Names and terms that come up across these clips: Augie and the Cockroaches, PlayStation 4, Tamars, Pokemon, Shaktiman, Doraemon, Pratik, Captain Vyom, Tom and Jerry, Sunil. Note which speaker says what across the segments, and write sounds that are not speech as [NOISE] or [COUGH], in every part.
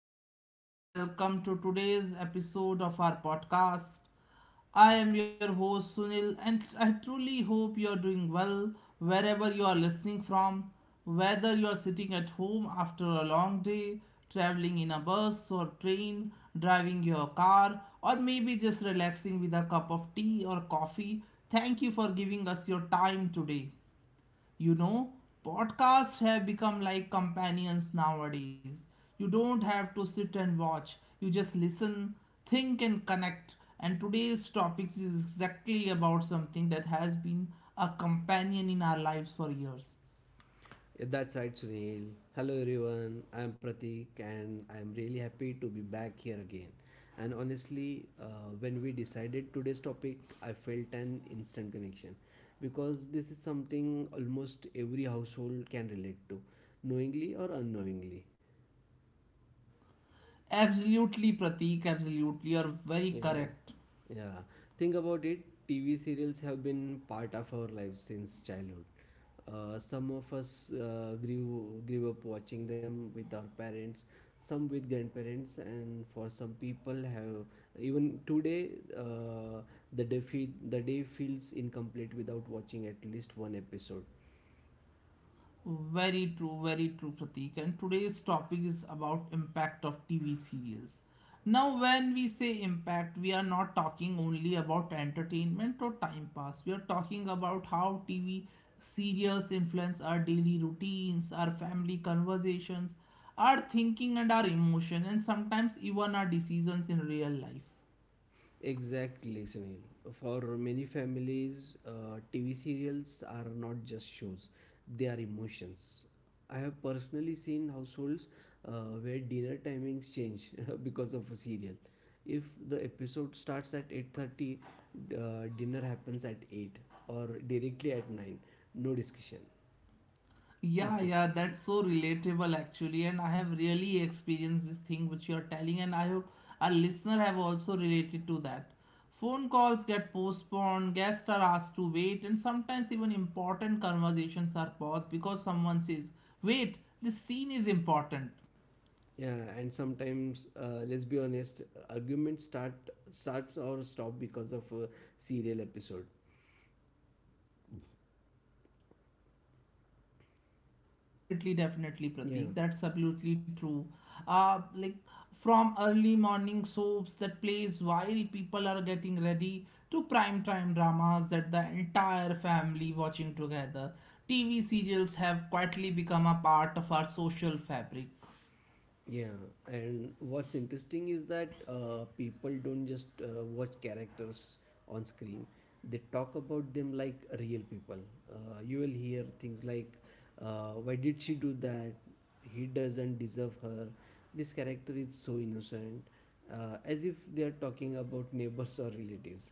Speaker 1: very warm welcome to today's episode of our podcast. I am your host Sunil, and I truly hope you are doing well wherever you are listening from. Whether you are sitting at home after a long day, traveling in a bus or train, driving your car, or maybe just relaxing with a cup of tea or coffee, thank you for giving us your time today you know Podcasts have become like companions nowadays. You don't have to sit and watch, you just listen, think and connect. And today's topics is exactly about something that has been a companion in our lives for years.
Speaker 2: Yeah, that's right, Sunil. Hello, everyone. I'm Pratik, and I'm really happy to be back here again. And honestly, when we decided today's topic, I felt an instant connection because this is something almost every household can relate to, knowingly or unknowingly.
Speaker 1: Absolutely, Pratik, absolutely, you're very
Speaker 2: Yeah,
Speaker 1: correct.
Speaker 2: yeah. Think about it. TV serials have been part of our lives since childhood. Some of us grew up watching them with our parents, some with grandparents, and for some people have even today, uh, the day feels incomplete without watching at least one episode.
Speaker 1: Very true, Pratik. And today's topic is about impact of TV serials. Now, when we say impact, we are not talking only about entertainment or time pass. We are talking about how TV serials influence our daily routines, our family conversations, our thinking and our emotion, and sometimes even our decisions in real life.
Speaker 2: Exactly, Sunil. For many families, TV serials are not just shows, they are emotions. I have personally seen households, where dinner timings change [LAUGHS] because of a serial. If the episode starts at 8:30, dinner happens at 8 or directly at 9. No discussion.
Speaker 1: Yeah, yeah,
Speaker 2: [LAUGHS]
Speaker 1: that's so relatable actually, and I have really experienced this thing which you are telling, and I hope our listener have also related to that. Phone calls get postponed, guests are asked to wait, and sometimes even important conversations are paused because someone says, "Wait, this scene is important."
Speaker 2: Yeah, and sometimes, let's be honest, arguments start starts or stop because of a serial episode.
Speaker 1: Definitely, definitely,
Speaker 2: Yeah.
Speaker 1: Pratik. That's absolutely true. Like from early morning soaps that plays while people are getting ready to prime time dramas that the entire family watching together. TV serials have quietly become a part of our social fabric.
Speaker 2: Yeah, and what's interesting is that people don't just watch characters on screen. They talk about them like real people. You will hear things like, "Why did she do that? He doesn't deserve her. This character is so innocent," as if they are talking about neighbors or relatives.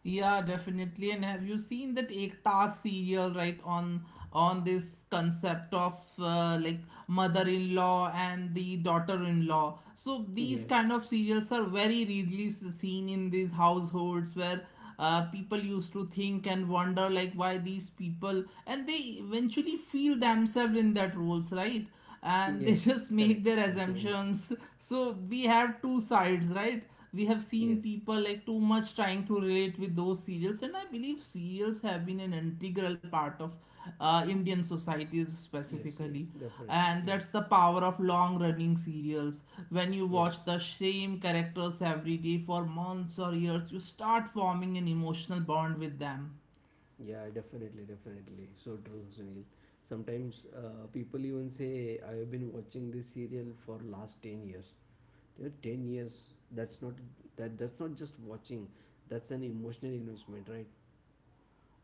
Speaker 1: Yeah, definitely. And have you seen that Ekta serial, right, on this concept of like mother-in-law and the daughter-in-law? So these kind of
Speaker 2: Yes,
Speaker 1: serials are very readily seen in these households where people used to think and wonder like why these people and they eventually feel themselves in that roles, right? And they [LAUGHS]
Speaker 2: yes,
Speaker 1: just
Speaker 2: correct.
Speaker 1: make their
Speaker 2: [LAUGHS]
Speaker 1: assumptions. So we have two sides, right? We have seen
Speaker 2: Yes,
Speaker 1: people like too much trying to relate with those serials, and I believe serials have been an integral part of Indian societies
Speaker 2: yes, yes,
Speaker 1: specifically,
Speaker 2: definitely.
Speaker 1: and that's
Speaker 2: Yes,
Speaker 1: the power of long running serials. When you watch
Speaker 2: yes.
Speaker 1: the same characters every day for months or years, you start forming an emotional bond with them.
Speaker 2: Yeah, definitely, definitely. So true, Sunil. Sometimes people even say, I have been watching this serial for last 10 years. Yeah, 10 years, that's not that's not just watching. That's an emotional investment, right?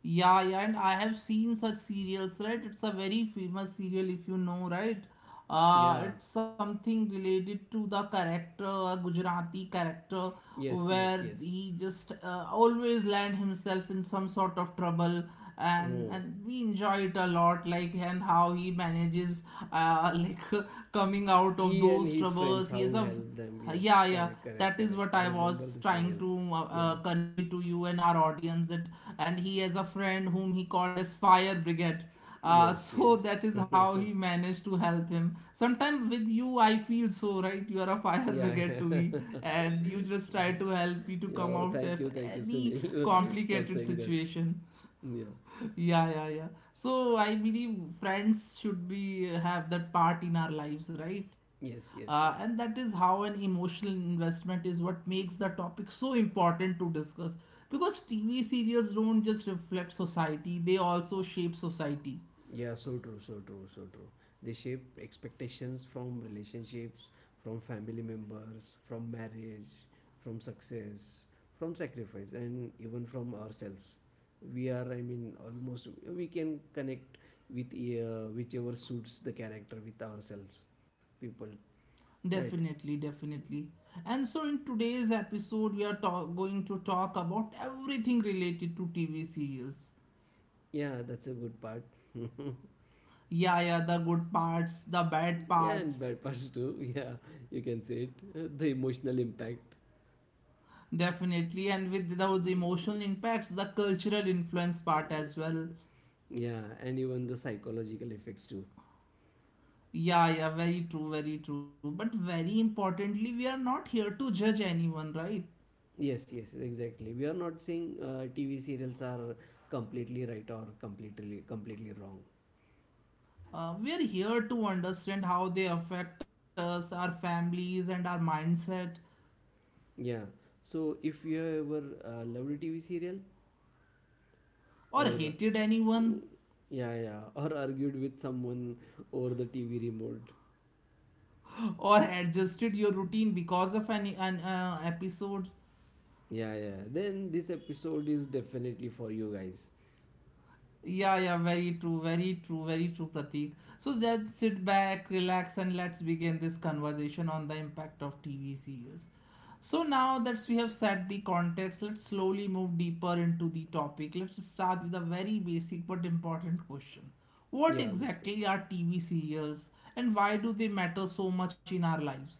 Speaker 1: Yeah, yeah, and I have seen such serials, right? It's a very famous serial, if you know, right?
Speaker 2: Yeah.
Speaker 1: It's something related to the character, a Gujarati character,
Speaker 2: Yes,
Speaker 1: where
Speaker 2: yes, yes.
Speaker 1: he just always land himself in some sort of trouble, and
Speaker 2: Oh.
Speaker 1: and we enjoy it a lot, like and how he manages, [LAUGHS] like coming out of
Speaker 2: He and
Speaker 1: those
Speaker 2: his
Speaker 1: troubles.
Speaker 2: friends,
Speaker 1: He has
Speaker 2: how
Speaker 1: a,
Speaker 2: help them. Yes,
Speaker 1: yeah, yeah.
Speaker 2: correct, correct,
Speaker 1: That is
Speaker 2: correct.
Speaker 1: what
Speaker 2: I
Speaker 1: I
Speaker 2: remember the
Speaker 1: was trying
Speaker 2: serial.
Speaker 1: to
Speaker 2: Yeah.
Speaker 1: convey to you and our audience that and he has a friend whom he called as Fire Brigade. [LAUGHS]
Speaker 2: Yes,
Speaker 1: So
Speaker 2: yes.
Speaker 1: that is
Speaker 2: [LAUGHS]
Speaker 1: how he managed to help him. Sometimes with you, I feel so right. You are a [LAUGHS] fire
Speaker 2: Yeah.
Speaker 1: brigade
Speaker 2: [LAUGHS]
Speaker 1: to me,
Speaker 2: yeah.
Speaker 1: and you just try to help me to
Speaker 2: Yeah,
Speaker 1: come
Speaker 2: oh,
Speaker 1: out of
Speaker 2: thank you,
Speaker 1: any
Speaker 2: Sunil, [LAUGHS] for
Speaker 1: complicated
Speaker 2: saying that.
Speaker 1: situation.
Speaker 2: Yeah.
Speaker 1: Yeah, yeah, yeah. So I believe friends should be have that part in our lives, right?
Speaker 2: Yes, yes,
Speaker 1: And that
Speaker 2: yes.
Speaker 1: is how an emotional investment is what makes the topic so important to discuss. Because TV serials don't just reflect society, they also shape society.
Speaker 2: Yeah, so true, so true, so true. They shape expectations from relationships, from family members, from marriage, from success, from sacrifice, and even from ourselves. We are, I mean, almost we can connect with, whichever suits the character with ourselves, people, right?
Speaker 1: Definitely, definitely. And so in today's episode, we are going to talk about everything related to TV serials.
Speaker 2: Yeah, that's a good part. [LAUGHS]
Speaker 1: Yeah, yeah, the good parts, the bad
Speaker 2: Yeah, and
Speaker 1: parts.
Speaker 2: bad parts too. [LAUGHS] yeah, you can say it. The emotional impact.
Speaker 1: Definitely, and with those emotional impacts, the cultural influence part as well.
Speaker 2: Yeah, and even the psychological effects too.
Speaker 1: Yeah, yeah, very true, very true. But very importantly, we are not here to judge anyone, right?
Speaker 2: Yes, yes, exactly. We are not saying TV serials are completely right or completely wrong.
Speaker 1: We are here to understand how they affect us, our families, and our mindset,
Speaker 2: Yeah. So if you ever loved a TV serial
Speaker 1: or
Speaker 2: or
Speaker 1: hated
Speaker 2: mm,
Speaker 1: anyone,
Speaker 2: yeah, yeah, [LAUGHS] or argued with someone over the TV remote.
Speaker 1: [LAUGHS] or adjusted your routine because of any an episode.
Speaker 2: Yeah, yeah. Then this episode is definitely for you guys.
Speaker 1: Yeah, yeah, very true, very true, very true, Pratik. So just sit back, relax, and let's begin this conversation on the impact of TV series. So now that we have set the context, let's slowly move deeper into the topic. Let's start with a very basic but important question. What
Speaker 2: Yeah, let's begin.
Speaker 1: exactly are TV serials and why do they matter so much in our lives?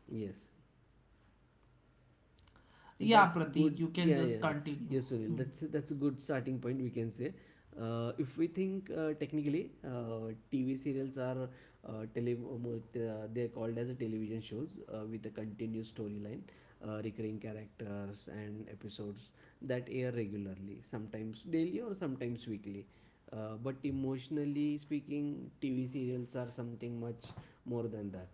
Speaker 2: Yes.
Speaker 1: Yeah,
Speaker 2: That's
Speaker 1: Pratik,
Speaker 2: good.
Speaker 1: you can
Speaker 2: Yeah,
Speaker 1: just
Speaker 2: yeah.
Speaker 1: continue.
Speaker 2: Yes, Sunil.
Speaker 1: Hmm.
Speaker 2: That's a good starting point we can say. If we think technically, TV serials are, they're called as a television shows with a continuous storyline, recurring characters and episodes that air regularly, sometimes daily or sometimes weekly. But emotionally speaking, TV serials are something much more than that.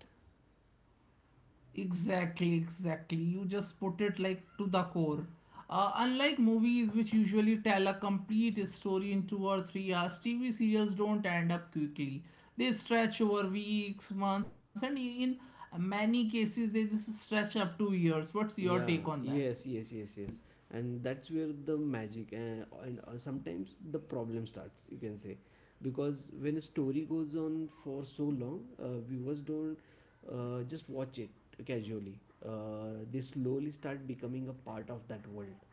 Speaker 1: Exactly, exactly. You just put it like to the core. Unlike movies, which usually tell a complete story in 2 or 3 hours, TV serials don't end up quickly. They stretch over weeks, months, and in many cases, they just stretch up to years. What's your
Speaker 2: Yeah,
Speaker 1: take on that?
Speaker 2: yes, yes, yes, yes. And that's where the magic and, sometimes the problem starts, you can say, because when a story goes on for so long, viewers don't just watch it casually. They slowly start becoming a part of that world.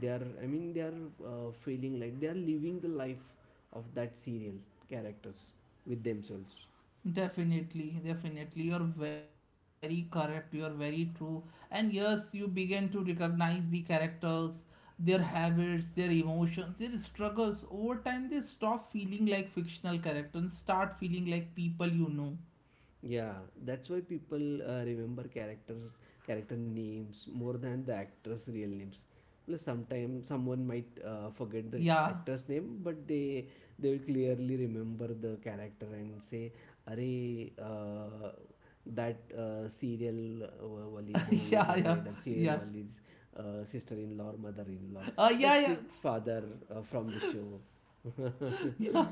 Speaker 2: They are feeling like they are living the life of that serial characters with themselves.
Speaker 1: Definitely, definitely. You're very correct. You're very true. And yes, you begin to recognize the characters, their habits, their emotions, their struggles. Over time, they stop feeling like fictional characters and start feeling like people you know.
Speaker 2: Yeah, that's why people remember characters, character names more than the actors' real names. Plus, sometimes someone might forget the
Speaker 1: Yeah,
Speaker 2: actor's name, but they will clearly remember the character and say, "Arey, that serial wali bahu,"
Speaker 1: [LAUGHS]
Speaker 2: you
Speaker 1: yeah,
Speaker 2: can say
Speaker 1: yeah,
Speaker 2: that
Speaker 1: yeah.
Speaker 2: serial wali's sister-in-law or mother-in-law. That's
Speaker 1: Yeah,
Speaker 2: it, father from the show. [LAUGHS]
Speaker 1: yeah, [LAUGHS]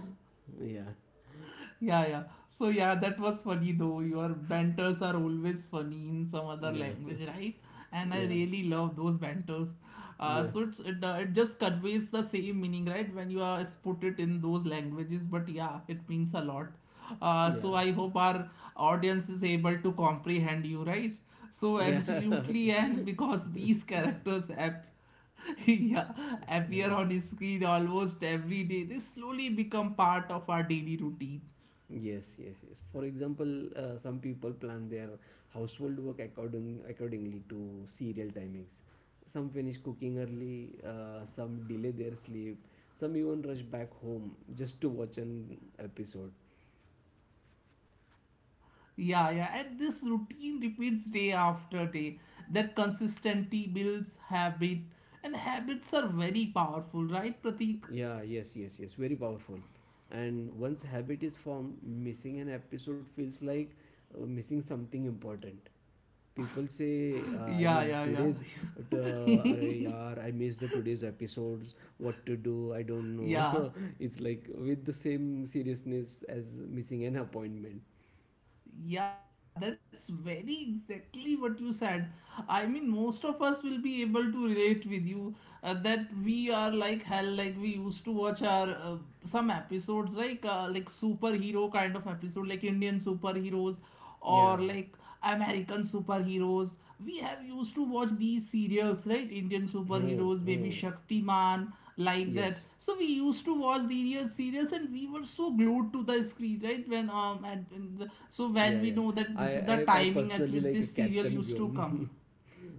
Speaker 2: Yeah,
Speaker 1: yeah, yeah. So yeah, that was funny though. Your banters are always funny in some other
Speaker 2: yeah,
Speaker 1: language, right? And
Speaker 2: [LAUGHS]
Speaker 1: I
Speaker 2: yeah,
Speaker 1: really love those banters. Uh,
Speaker 2: yeah.
Speaker 1: so it's, it uh, it just conveys the same meaning, right? When you are put it in those languages, but yeah, it means a lot.
Speaker 2: Yeah,
Speaker 1: So I hope our audience is able to comprehend you, right? So
Speaker 2: yeah, [LAUGHS]
Speaker 1: absolutely, and because these characters have [LAUGHS] yeah, appear on his screen almost every day. They slowly become part of our daily routine.
Speaker 2: yes, yes, yes. For example, some people plan their household work accordingly to serial timings. Some finish cooking early, some delay their sleep, some even rush back home just to watch an episode.
Speaker 1: Yeah, yeah, and this routine repeats day after day. That consistency builds habit, and habits are very powerful, right, Pratik?
Speaker 2: Yeah, yes, yes, yes, very powerful. And once habit is formed, missing an episode feels like missing something important. People say,
Speaker 1: [LAUGHS] Yeah, yeah, yeah,
Speaker 2: are, yaar, I missed the today's episodes. What to do? I don't
Speaker 1: [LAUGHS]
Speaker 2: know.
Speaker 1: yeah.
Speaker 2: [LAUGHS] it's like with the same seriousness as missing an appointment.
Speaker 1: Yeah, that's very exactly what you said. I mean, most of us will be able to relate with you that we are like hell. Like we used to watch our some episodes like superhero kind of episode, like Indian superheroes or
Speaker 2: Yeah.
Speaker 1: like American superheroes, we have used to watch these serials, right? Indian
Speaker 2: Oh,
Speaker 1: superheroes, maybe
Speaker 2: oh.
Speaker 1: Shaktiman, like that.
Speaker 2: Yes.
Speaker 1: So we used to watch these serials, and we were so glued to the screen, right? When so
Speaker 2: Yeah,
Speaker 1: when we
Speaker 2: yeah.
Speaker 1: know
Speaker 2: I,
Speaker 1: that this is
Speaker 2: I,
Speaker 1: the
Speaker 2: I
Speaker 1: timing at
Speaker 2: personally
Speaker 1: which
Speaker 2: like a
Speaker 1: this serial
Speaker 2: Captain
Speaker 1: used to come.
Speaker 2: Vyom. [LAUGHS]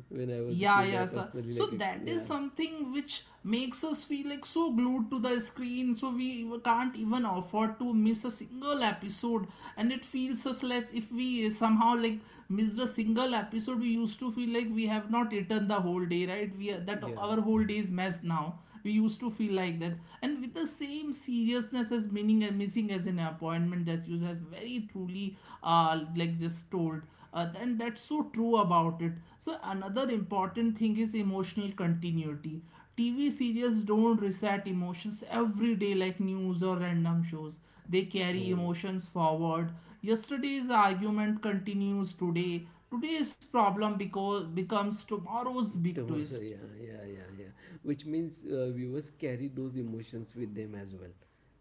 Speaker 2: when I was a
Speaker 1: Yeah,
Speaker 2: kid, I
Speaker 1: yeah, sir.
Speaker 2: personally
Speaker 1: So
Speaker 2: like a
Speaker 1: that is
Speaker 2: yeah.
Speaker 1: something which makes us feel like so glued to the screen, so we can't even afford to miss a single episode. And it feels us like if we somehow like missed a single episode, we used to feel like we have not eaten the whole day, right? We are, that
Speaker 2: Yeah.
Speaker 1: our whole day is messed now we used to feel like that, and with the same seriousness as meaning and missing as an appointment as you have very truly like just told. And that's so true about it. So another important thing is emotional continuity. TV series don't reset emotions every day like news or random shows, they carry
Speaker 2: Oh,
Speaker 1: emotions forward. Yesterday's argument continues today, today's problem because becomes tomorrow's big
Speaker 2: Tamars,
Speaker 1: twist.
Speaker 2: yeah, yeah, yeah, yeah. Which means viewers carry those emotions with them as well.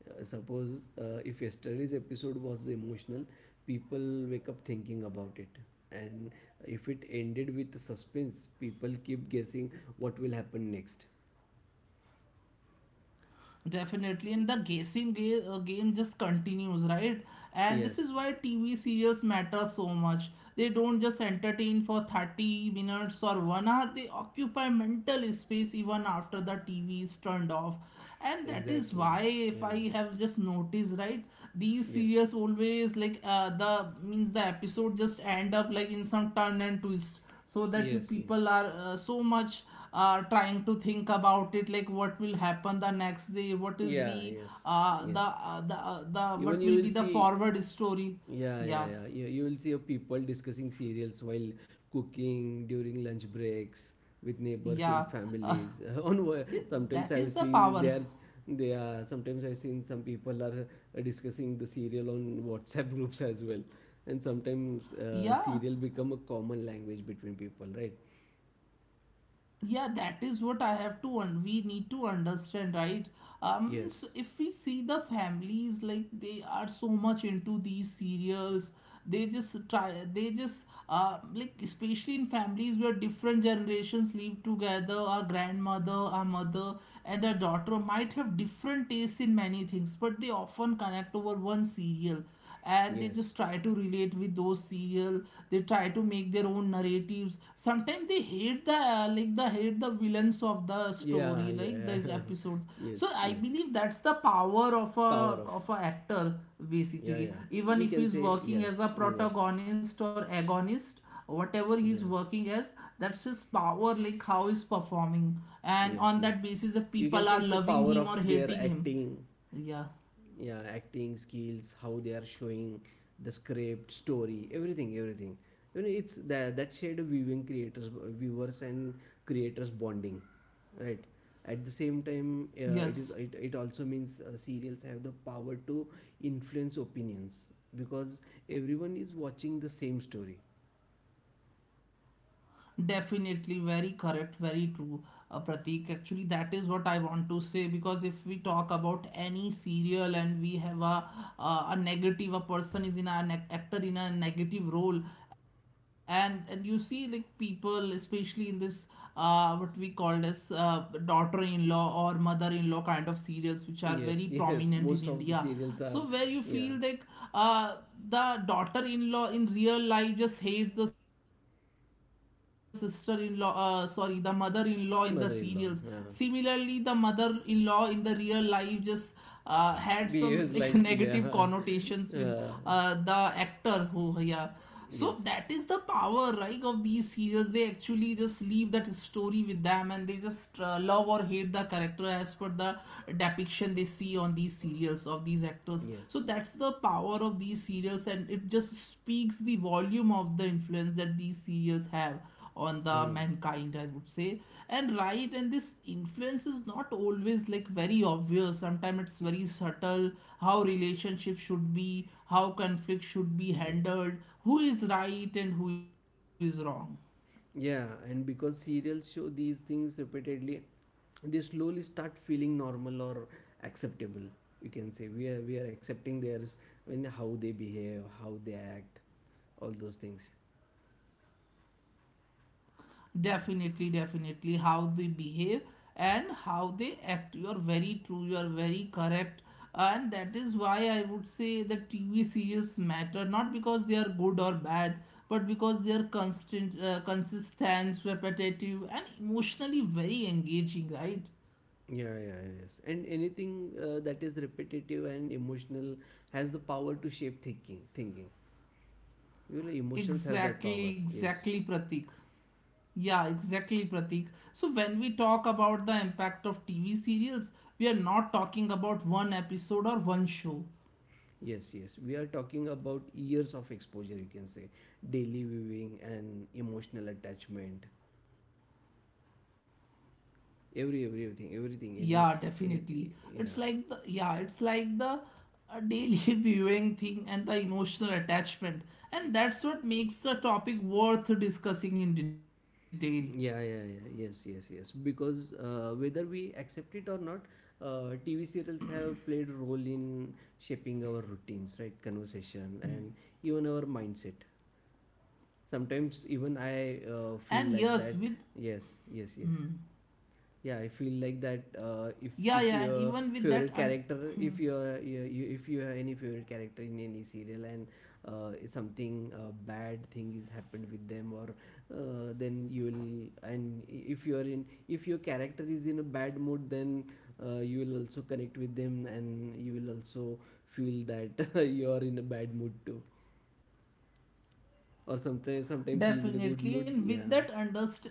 Speaker 2: Suppose if yesterday's episode was emotional, people wake up thinking about it. And if it ended with suspense, people keep guessing what will happen next.
Speaker 1: Definitely, and the guessing game, game just continues, right? And this
Speaker 2: Yes,
Speaker 1: is why TV serials matter so much. They don't just entertain for 30 minutes or one hour, they occupy mental space even after the TV is turned off. And that is
Speaker 2: exactly.
Speaker 1: why, if
Speaker 2: Yeah.
Speaker 1: I have just noticed, right, these
Speaker 2: Yes.
Speaker 1: serials always like the episode just end up like in some turn and twist, so that you
Speaker 2: Yes, yes.
Speaker 1: people are so much trying to think about it like what will happen the next day, what is
Speaker 2: Yeah,
Speaker 1: the
Speaker 2: yes, yes. Even
Speaker 1: what
Speaker 2: you
Speaker 1: will be
Speaker 2: will
Speaker 1: the
Speaker 2: see,
Speaker 1: forward story.
Speaker 2: yeah, yeah,
Speaker 1: Yeah,
Speaker 2: yeah, you will see a people discussing serials while cooking during lunch breaks with neighbors in
Speaker 1: yeah, uh,
Speaker 2: families [LAUGHS] on wo-,
Speaker 1: [LAUGHS]
Speaker 2: sometimes
Speaker 1: that
Speaker 2: I've
Speaker 1: is the
Speaker 2: seen
Speaker 1: power.
Speaker 2: they are sometimes I've seen some people are discussing the serial on WhatsApp [LAUGHS] groups as well. And sometimes
Speaker 1: Yeah,
Speaker 2: serial become a common language between people, right?
Speaker 1: yeah, that is what I have to and we need to understand, right? Um, means
Speaker 2: Yes,
Speaker 1: if we see the families like they are so much into these serials, they just try, they just like especially in families where different generations live together, our grandmother, our mother and our daughter might have different tastes in many things, but they often connect over one serial, and they
Speaker 2: yes,
Speaker 1: just try to relate with those serial. They try to make their own narratives. Sometimes they hate the hate the villains of the story,
Speaker 2: yeah,
Speaker 1: like
Speaker 2: yeah.
Speaker 1: these episodes.
Speaker 2: [LAUGHS] yes,
Speaker 1: So I
Speaker 2: yes.
Speaker 1: believe that's the power of a
Speaker 2: Power of.
Speaker 1: of a actor
Speaker 2: Yeah,
Speaker 1: basically.
Speaker 2: yeah.
Speaker 1: Even
Speaker 2: We
Speaker 1: if
Speaker 2: can
Speaker 1: he's
Speaker 2: say
Speaker 1: working as
Speaker 2: yes,
Speaker 1: a
Speaker 2: viewers.
Speaker 1: protagonist or agonist, whatever he's
Speaker 2: Yeah,
Speaker 1: working as, that's his power, like how he's performing, and
Speaker 2: yes,
Speaker 1: on that
Speaker 2: yes.
Speaker 1: basis if
Speaker 2: You can
Speaker 1: people
Speaker 2: say
Speaker 1: are
Speaker 2: it's a
Speaker 1: loving
Speaker 2: power
Speaker 1: him
Speaker 2: of
Speaker 1: or
Speaker 2: their
Speaker 1: hating him.
Speaker 2: acting,
Speaker 1: Yeah,
Speaker 2: yeah, acting skills, how they are showing the script, story, everything, everything. You know, it's that shade of viewing creators, viewers and creators bonding, right? At the same time,
Speaker 1: yes.
Speaker 2: it also means serials have the power to influence opinions because everyone is watching the same story.
Speaker 1: Definitely very correct, very true, Pratik. Actually, that is what I want to say, because if we talk about any serial and we have a a person is in a an actor in a negative role, and you see like people, especially in this what we call as daughter-in-law or mother-in-law kind of serials, which are
Speaker 2: Yes, [LAUGHS]
Speaker 1: very
Speaker 2: yes.
Speaker 1: prominent in
Speaker 2: Most of the
Speaker 1: India.
Speaker 2: serials are,
Speaker 1: So where you
Speaker 2: yeah,
Speaker 1: feel like uh, the daughter-in-law in real life just hates the sister-in-law sorry the mother-in-law in the serials, similarly the
Speaker 2: mother-in-law. Yeah.
Speaker 1: mother-in-law in the real life just had some like [LAUGHS] negative
Speaker 2: Behaves like,
Speaker 1: connotations with
Speaker 2: yeah,
Speaker 1: the
Speaker 2: [LAUGHS] uh,
Speaker 1: actor who yeah so that is the
Speaker 2: yes,
Speaker 1: power, right, of these serials. They actually just leave that story with them and they just love or hate the character as per the depiction they see on these serials of these actors. So
Speaker 2: yes.
Speaker 1: that's the power of these serials, and it just speaks the volume of the influence that these serials have on the
Speaker 2: Mm.
Speaker 1: mankind, I would say. And this influence is not always like very obvious, sometimes it's very subtle. How relationships should be, how conflict should be handled, who is right and who is wrong.
Speaker 2: Yeah, and because serials show these things repeatedly, they slowly start feeling normal or acceptable. You can say we are accepting theirs, when how they behave, how they act, all those things.
Speaker 1: Definitely, definitely. How they behave and how they act. You are very true, you are very correct. And that is why I would say the TV series matter not because they are good or bad, but because they are constant, consistent, repetitive, and emotionally very engaging, right?
Speaker 2: Yeah, yeah, yeah, yes. And anything that is repetitive and emotional has the power to shape thinking. Thinking. Your emotions has that
Speaker 1: Exactly,
Speaker 2: power. Yes,
Speaker 1: exactly, Pratik. Yeah, exactly, Pratik. So when we talk about the impact of TV serials, we are not talking about one episode or one show.
Speaker 2: yes, yes. We are talking about years of exposure. You can say daily viewing and emotional attachment. Every everything
Speaker 1: Yeah,
Speaker 2: everything
Speaker 1: definitely.
Speaker 2: any
Speaker 1: It's like
Speaker 2: yeah.
Speaker 1: the yeah, it's like the uh, daily [LAUGHS] viewing thing and the emotional attachment, and that's what makes the topic worth discussing in detail.
Speaker 2: Yeah, yeah, yeah. Yes, yes, yes. Because whether we accept it or not, TV serials have played a role in shaping our routines, right? Conversation and even our mindset. Sometimes even I feel
Speaker 1: And
Speaker 2: like
Speaker 1: yes,
Speaker 2: that.
Speaker 1: with
Speaker 2: Yes, yes, yes. Yeah, I feel like that
Speaker 1: yeah,
Speaker 2: if
Speaker 1: yeah, and
Speaker 2: your
Speaker 1: even with
Speaker 2: favorite
Speaker 1: that, un-
Speaker 2: character, if you if you have any favorite character in any serial and something bad thing is happened with them, or then you will and if you're in if your character is in a bad mood, then you will also connect with them and you will also feel that [LAUGHS] you're in a bad mood too. Or sometimes he's in a good
Speaker 1: definitely,
Speaker 2: mood.
Speaker 1: and with
Speaker 2: Yeah,
Speaker 1: that underst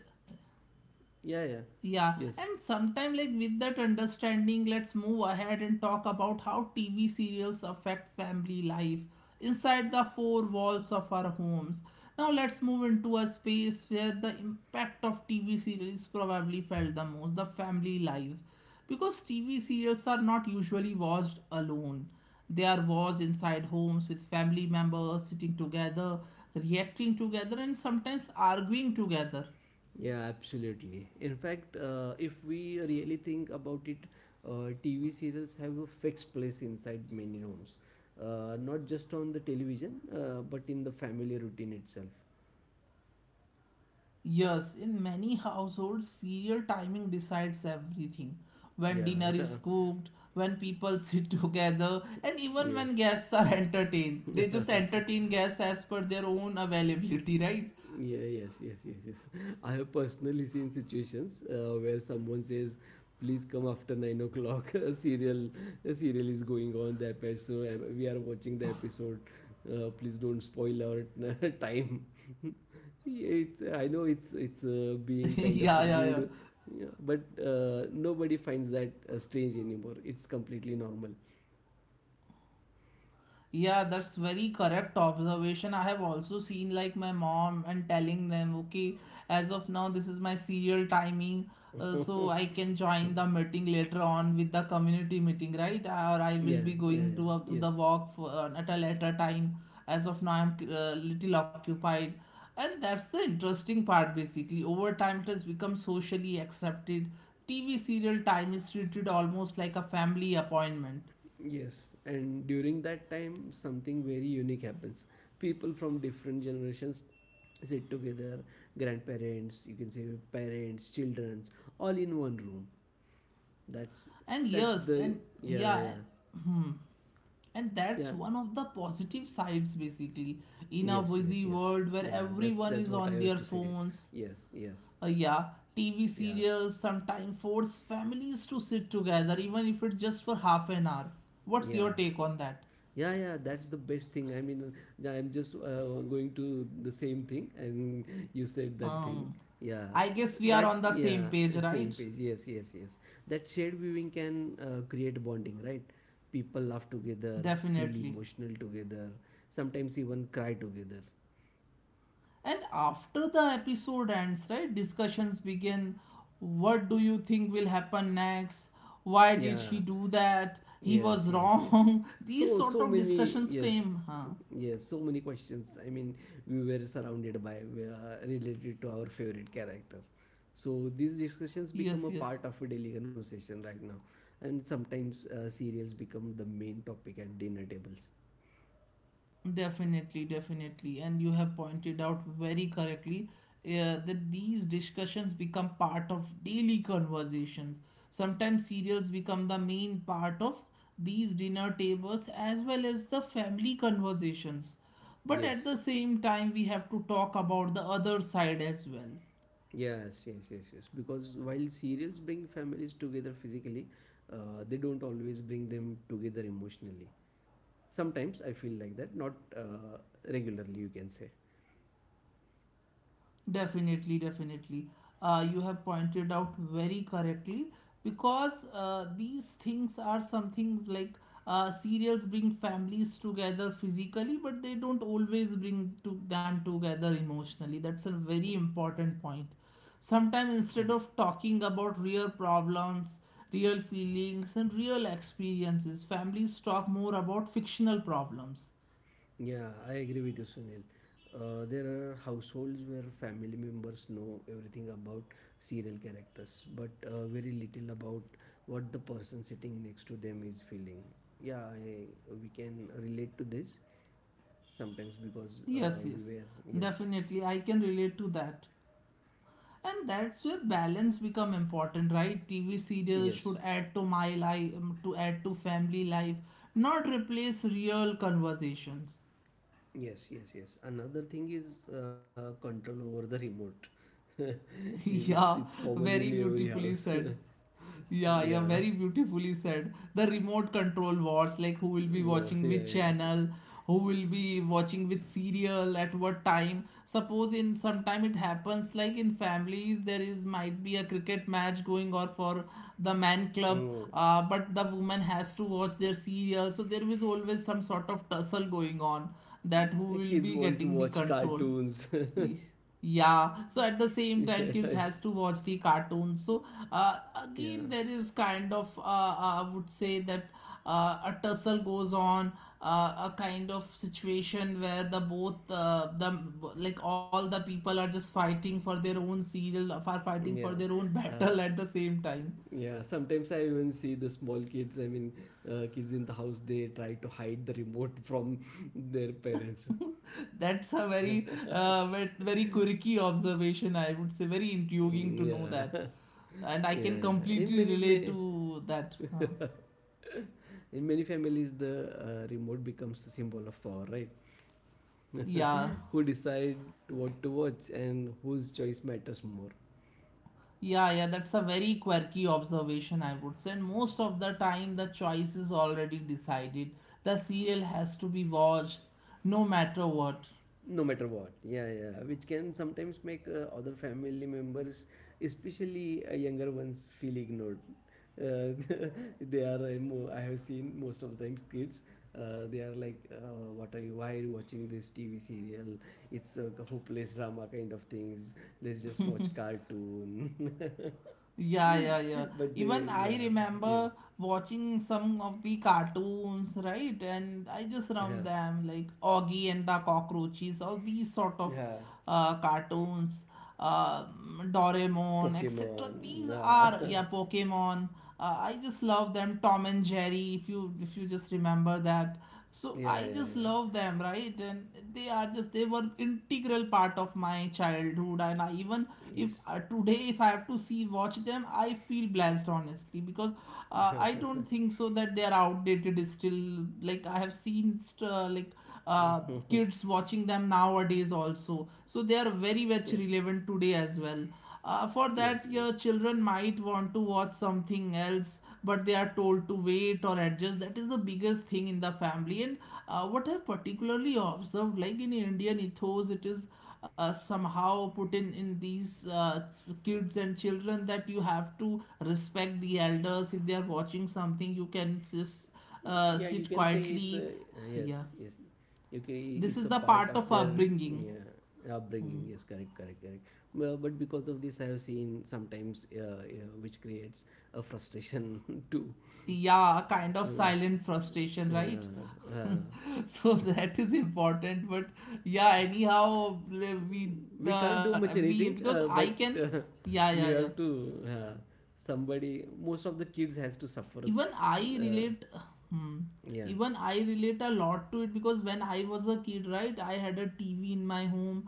Speaker 2: yeah, yeah.
Speaker 1: Yeah,
Speaker 2: Yes.
Speaker 1: and sometime like with that understanding, let's move ahead and talk about how TV serials affect family life inside the four walls of our homes. Now let's move into a space where the impact of TV series probably felt the most, the family life. Because TV serials are not usually watched alone. They are watched inside homes with family members sitting together, reacting together, and sometimes arguing together.
Speaker 2: Yeah, absolutely. In fact, if we really think about it, TV serials have a fixed place inside many homes, not just on the television, but in the family routine itself.
Speaker 1: Yes, in many households, serial timing decides everything. When
Speaker 2: Yeah,
Speaker 1: dinner is
Speaker 2: [LAUGHS]
Speaker 1: cooked, when people [LAUGHS] sit together, and even
Speaker 2: yeah,
Speaker 1: when guests are entertained. They
Speaker 2: yes.
Speaker 1: just
Speaker 2: [LAUGHS]
Speaker 1: entertain guests as per their own availability, right?
Speaker 2: Yeah, yes, yes, yes, yes. I have personally seen situations where someone says, "Please come after 9 o'clock." [LAUGHS] A serial is going on. The episode so, we are watching the episode. Please don't spoil our [LAUGHS] time. [LAUGHS] Yeah, it's, I know it's
Speaker 1: [LAUGHS]
Speaker 2: it's
Speaker 1: Yeah,
Speaker 2: uh,
Speaker 1: yeah, yeah.
Speaker 2: being kind of rude, yeah, but nobody finds that strange anymore. It's completely normal.
Speaker 1: Yeah, that's very correct observation. I have also seen like my mom and telling them, okay, as of now, this is my serial timing,
Speaker 2: [LAUGHS] yeah,
Speaker 1: so I can join the meeting later on with the community meeting, right? Or I will
Speaker 2: yeah,
Speaker 1: be
Speaker 2: yeah.
Speaker 1: going to up to
Speaker 2: Yes.
Speaker 1: the walk for, at a later time. As of now, I'm little occupied, and that's the interesting part. Basically, over time, it has become socially accepted. TV serial time is treated almost like a family appointment.
Speaker 2: Yes, and during that time, something very unique happens. People from different generations sit together, grandparents, you can say, parents, childrens, all in one room. that's
Speaker 1: And
Speaker 2: that's
Speaker 1: yes
Speaker 2: the
Speaker 1: and
Speaker 2: yeah
Speaker 1: yeah
Speaker 2: yeah
Speaker 1: Hmm. And
Speaker 2: yeah
Speaker 1: that's one of the positive sides basically, in a
Speaker 2: yes yes
Speaker 1: busy
Speaker 2: yes
Speaker 1: world where
Speaker 2: yeah
Speaker 1: everyone
Speaker 2: that's
Speaker 1: is
Speaker 2: what I
Speaker 1: on
Speaker 2: have
Speaker 1: their
Speaker 2: to say,
Speaker 1: phones.
Speaker 2: yes yes
Speaker 1: Yeah, TV
Speaker 2: yeah
Speaker 1: serials sometimes force families to sit together, even if it's just for half an hour. What's
Speaker 2: yeah.
Speaker 1: your take on that?
Speaker 2: Yeah, yeah, that's the best thing. I mean, I'm just going to the same thing, and you said that
Speaker 1: um
Speaker 2: thing. Yeah,
Speaker 1: I guess we are
Speaker 2: that,
Speaker 1: on the same
Speaker 2: yeah,
Speaker 1: page, right?
Speaker 2: same page. Yes, yes, yes. That shared viewing can create bonding, right? People laugh together, feel
Speaker 1: Definitely.
Speaker 2: emotional together, sometimes even cry together.
Speaker 1: And after the episode ends, right, discussions begin. What do you think will happen next? Why did
Speaker 2: Yeah,
Speaker 1: she do that? He
Speaker 2: yes,
Speaker 1: was
Speaker 2: yes, yes.
Speaker 1: wrong. [LAUGHS] These
Speaker 2: So,
Speaker 1: sort
Speaker 2: so
Speaker 1: of
Speaker 2: many,
Speaker 1: discussions
Speaker 2: yes,
Speaker 1: came. Huh?
Speaker 2: yes, so many questions. I mean, we were surrounded by related to our favorite character. So these discussions
Speaker 1: Yes,
Speaker 2: become a
Speaker 1: yes.
Speaker 2: part of a daily conversation right now, and sometimes serials become the main topic at dinner tables.
Speaker 1: Definitely, definitely. And you have pointed out very correctly that these discussions become part of daily conversations. Sometimes serials become the main part of these dinner tables as well as the family conversations. But
Speaker 2: Yes,
Speaker 1: at the same time, we have to talk about the other side as well.
Speaker 2: yes, yes, yes, yes. Because while serials bring families together physically, they don't always bring them together emotionally. Sometimes I feel like that, not regularly, you can say.
Speaker 1: Definitely, definitely. You have pointed out very correctly, because these things are something like, serials bring families together physically, but they don't always bring to them together emotionally. That's a very important point. Sometimes, instead
Speaker 2: Hmm.
Speaker 1: of talking about real problems, real feelings, and real experiences, families talk more about fictional problems.
Speaker 2: Yeah, I agree with you, Sunil. There are households where family members know everything about serial characters, but very little about what the person sitting next to them is feeling. Yeah, I, we can relate to this sometimes because
Speaker 1: Yes,
Speaker 2: we
Speaker 1: yes,
Speaker 2: were, yes,
Speaker 1: definitely. I can relate to that. And that's where balance become important, right? TV serials should
Speaker 2: yes,
Speaker 1: add to my life, to add to family life, not replace real conversations.
Speaker 2: yes, yes, yes. Another thing is control over the remote. [LAUGHS]
Speaker 1: [LAUGHS]
Speaker 2: It's
Speaker 1: Yeah,
Speaker 2: common in
Speaker 1: very
Speaker 2: every house.
Speaker 1: beautifully said.
Speaker 2: [LAUGHS]
Speaker 1: Yeah,
Speaker 2: Yeah,
Speaker 1: yeah, very beautifully said. The remote control wars, like who will be
Speaker 2: wars. Yeah,
Speaker 1: watching which
Speaker 2: yeah.
Speaker 1: channel, who will be watching which serial at what time. Suppose in sometime it happens, like in families, there is might be a cricket match going or for the man
Speaker 2: Hmm.
Speaker 1: club, but the woman has to watch their serial. So there is always some sort of tussle going on that who
Speaker 2: Kids
Speaker 1: will be
Speaker 2: want to
Speaker 1: getting the
Speaker 2: watch
Speaker 1: control.
Speaker 2: cartoons. [LAUGHS]
Speaker 1: Yeah, so at the same time, kids has to watch the cartoons. So uh,
Speaker 2: Yeah,
Speaker 1: again, there is kind of I would say that a tussle goes on, a kind of situation where the both the like all the people are just fighting for their own serial, are fighting
Speaker 2: yeah,
Speaker 1: for their own [LAUGHS]
Speaker 2: uh,
Speaker 1: battle at the same time.
Speaker 2: yeah. Sometimes I even see the small kids. I mean, kids in the house. They try to hide the remote from [LAUGHS] their parents.
Speaker 1: That's a very very quirky observation, I would say. Very intriguing
Speaker 2: Mm,
Speaker 1: to know
Speaker 2: yeah,
Speaker 1: that, and
Speaker 2: [LAUGHS]
Speaker 1: I
Speaker 2: yeah,
Speaker 1: can
Speaker 2: yeah. In
Speaker 1: completely
Speaker 2: many,
Speaker 1: relate
Speaker 2: many
Speaker 1: to that. Huh.
Speaker 2: [LAUGHS] in many families, the remote becomes a symbol of power, right?
Speaker 1: Yeah.
Speaker 2: [LAUGHS] Who decide what to watch and whose choice matters more.
Speaker 1: Yeah, yeah, that's a very quirky observation, I would say. And most of the time, the choice is already decided. The serial has to be watched no matter what.
Speaker 2: No matter what, yeah, yeah, which can sometimes make other family members, especially younger ones, feel ignored. uh, [LAUGHS] they are I have seen most of the times kids, they are like, what are you, why are you watching this TV serial? It's a hopeless drama kind of things. Let's just watch cartoon.
Speaker 1: Yeah, yeah,
Speaker 2: [LAUGHS]
Speaker 1: yeah.
Speaker 2: But they,
Speaker 1: Even I
Speaker 2: yeah, yeah,
Speaker 1: remember watching some of the cartoons, right? And I just
Speaker 2: yeah,
Speaker 1: remember them like Augie and the Cockroaches, all these sort of
Speaker 2: yeah,
Speaker 1: cartoons, Doraemon, etc.
Speaker 2: Pokemon,
Speaker 1: These are
Speaker 2: [LAUGHS]
Speaker 1: yeah, Pokemon. I just love them. Tom and Jerry, if you just remember that. So
Speaker 2: yeah,
Speaker 1: I just
Speaker 2: yeah,
Speaker 1: love them, right? And they are just they were integral part of my childhood, and I even,
Speaker 2: yeah,
Speaker 1: if today if I have to see watch them, I feel blessed, honestly, because I don't think so that they are outdated still, like I have seen like uh,
Speaker 2: yes. [LAUGHS]
Speaker 1: kids watching them nowadays also, so they are very much
Speaker 2: Yes,
Speaker 1: relevant today as well. For
Speaker 2: yes,
Speaker 1: that
Speaker 2: yes,
Speaker 1: your
Speaker 2: yes.
Speaker 1: children might want to watch something else, but they are told to wait or adjust. That is the biggest thing in the family. And what I've particularly observed like in Indian ethos, it is somehow put in these kids and children that you have to respect the elders. If they are watching something, you can just
Speaker 2: Yeah, you
Speaker 1: sit
Speaker 2: can say
Speaker 1: quietly.
Speaker 2: it's a,
Speaker 1: Yeah,
Speaker 2: yes, yes. Okay,
Speaker 1: this
Speaker 2: it's
Speaker 1: is
Speaker 2: a
Speaker 1: the
Speaker 2: part
Speaker 1: part
Speaker 2: of
Speaker 1: of
Speaker 2: their,
Speaker 1: upbringing.
Speaker 2: yeah,
Speaker 1: Hmm.
Speaker 2: upbringing. Yes, correct, correct, correct. Well, but because of this, I have seen sometimes which creates a frustration [LAUGHS] too.
Speaker 1: Yeah, kind of
Speaker 2: Uh,
Speaker 1: silent frustration,
Speaker 2: uh,
Speaker 1: right?
Speaker 2: uh,
Speaker 1: [LAUGHS] So that is important, but yeah anyhow le- we
Speaker 2: we
Speaker 1: the
Speaker 2: can't do
Speaker 1: we
Speaker 2: much
Speaker 1: because
Speaker 2: anything,
Speaker 1: I can
Speaker 2: but
Speaker 1: Yeah, yeah, yeah.
Speaker 2: [LAUGHS] you have to somebody. Most of the kids has to suffer.
Speaker 1: Even I
Speaker 2: Uh,
Speaker 1: relate. Hmm.
Speaker 2: yeah.
Speaker 1: Even I relate a lot to it, because when I was a kid, right, I had a TV in my home.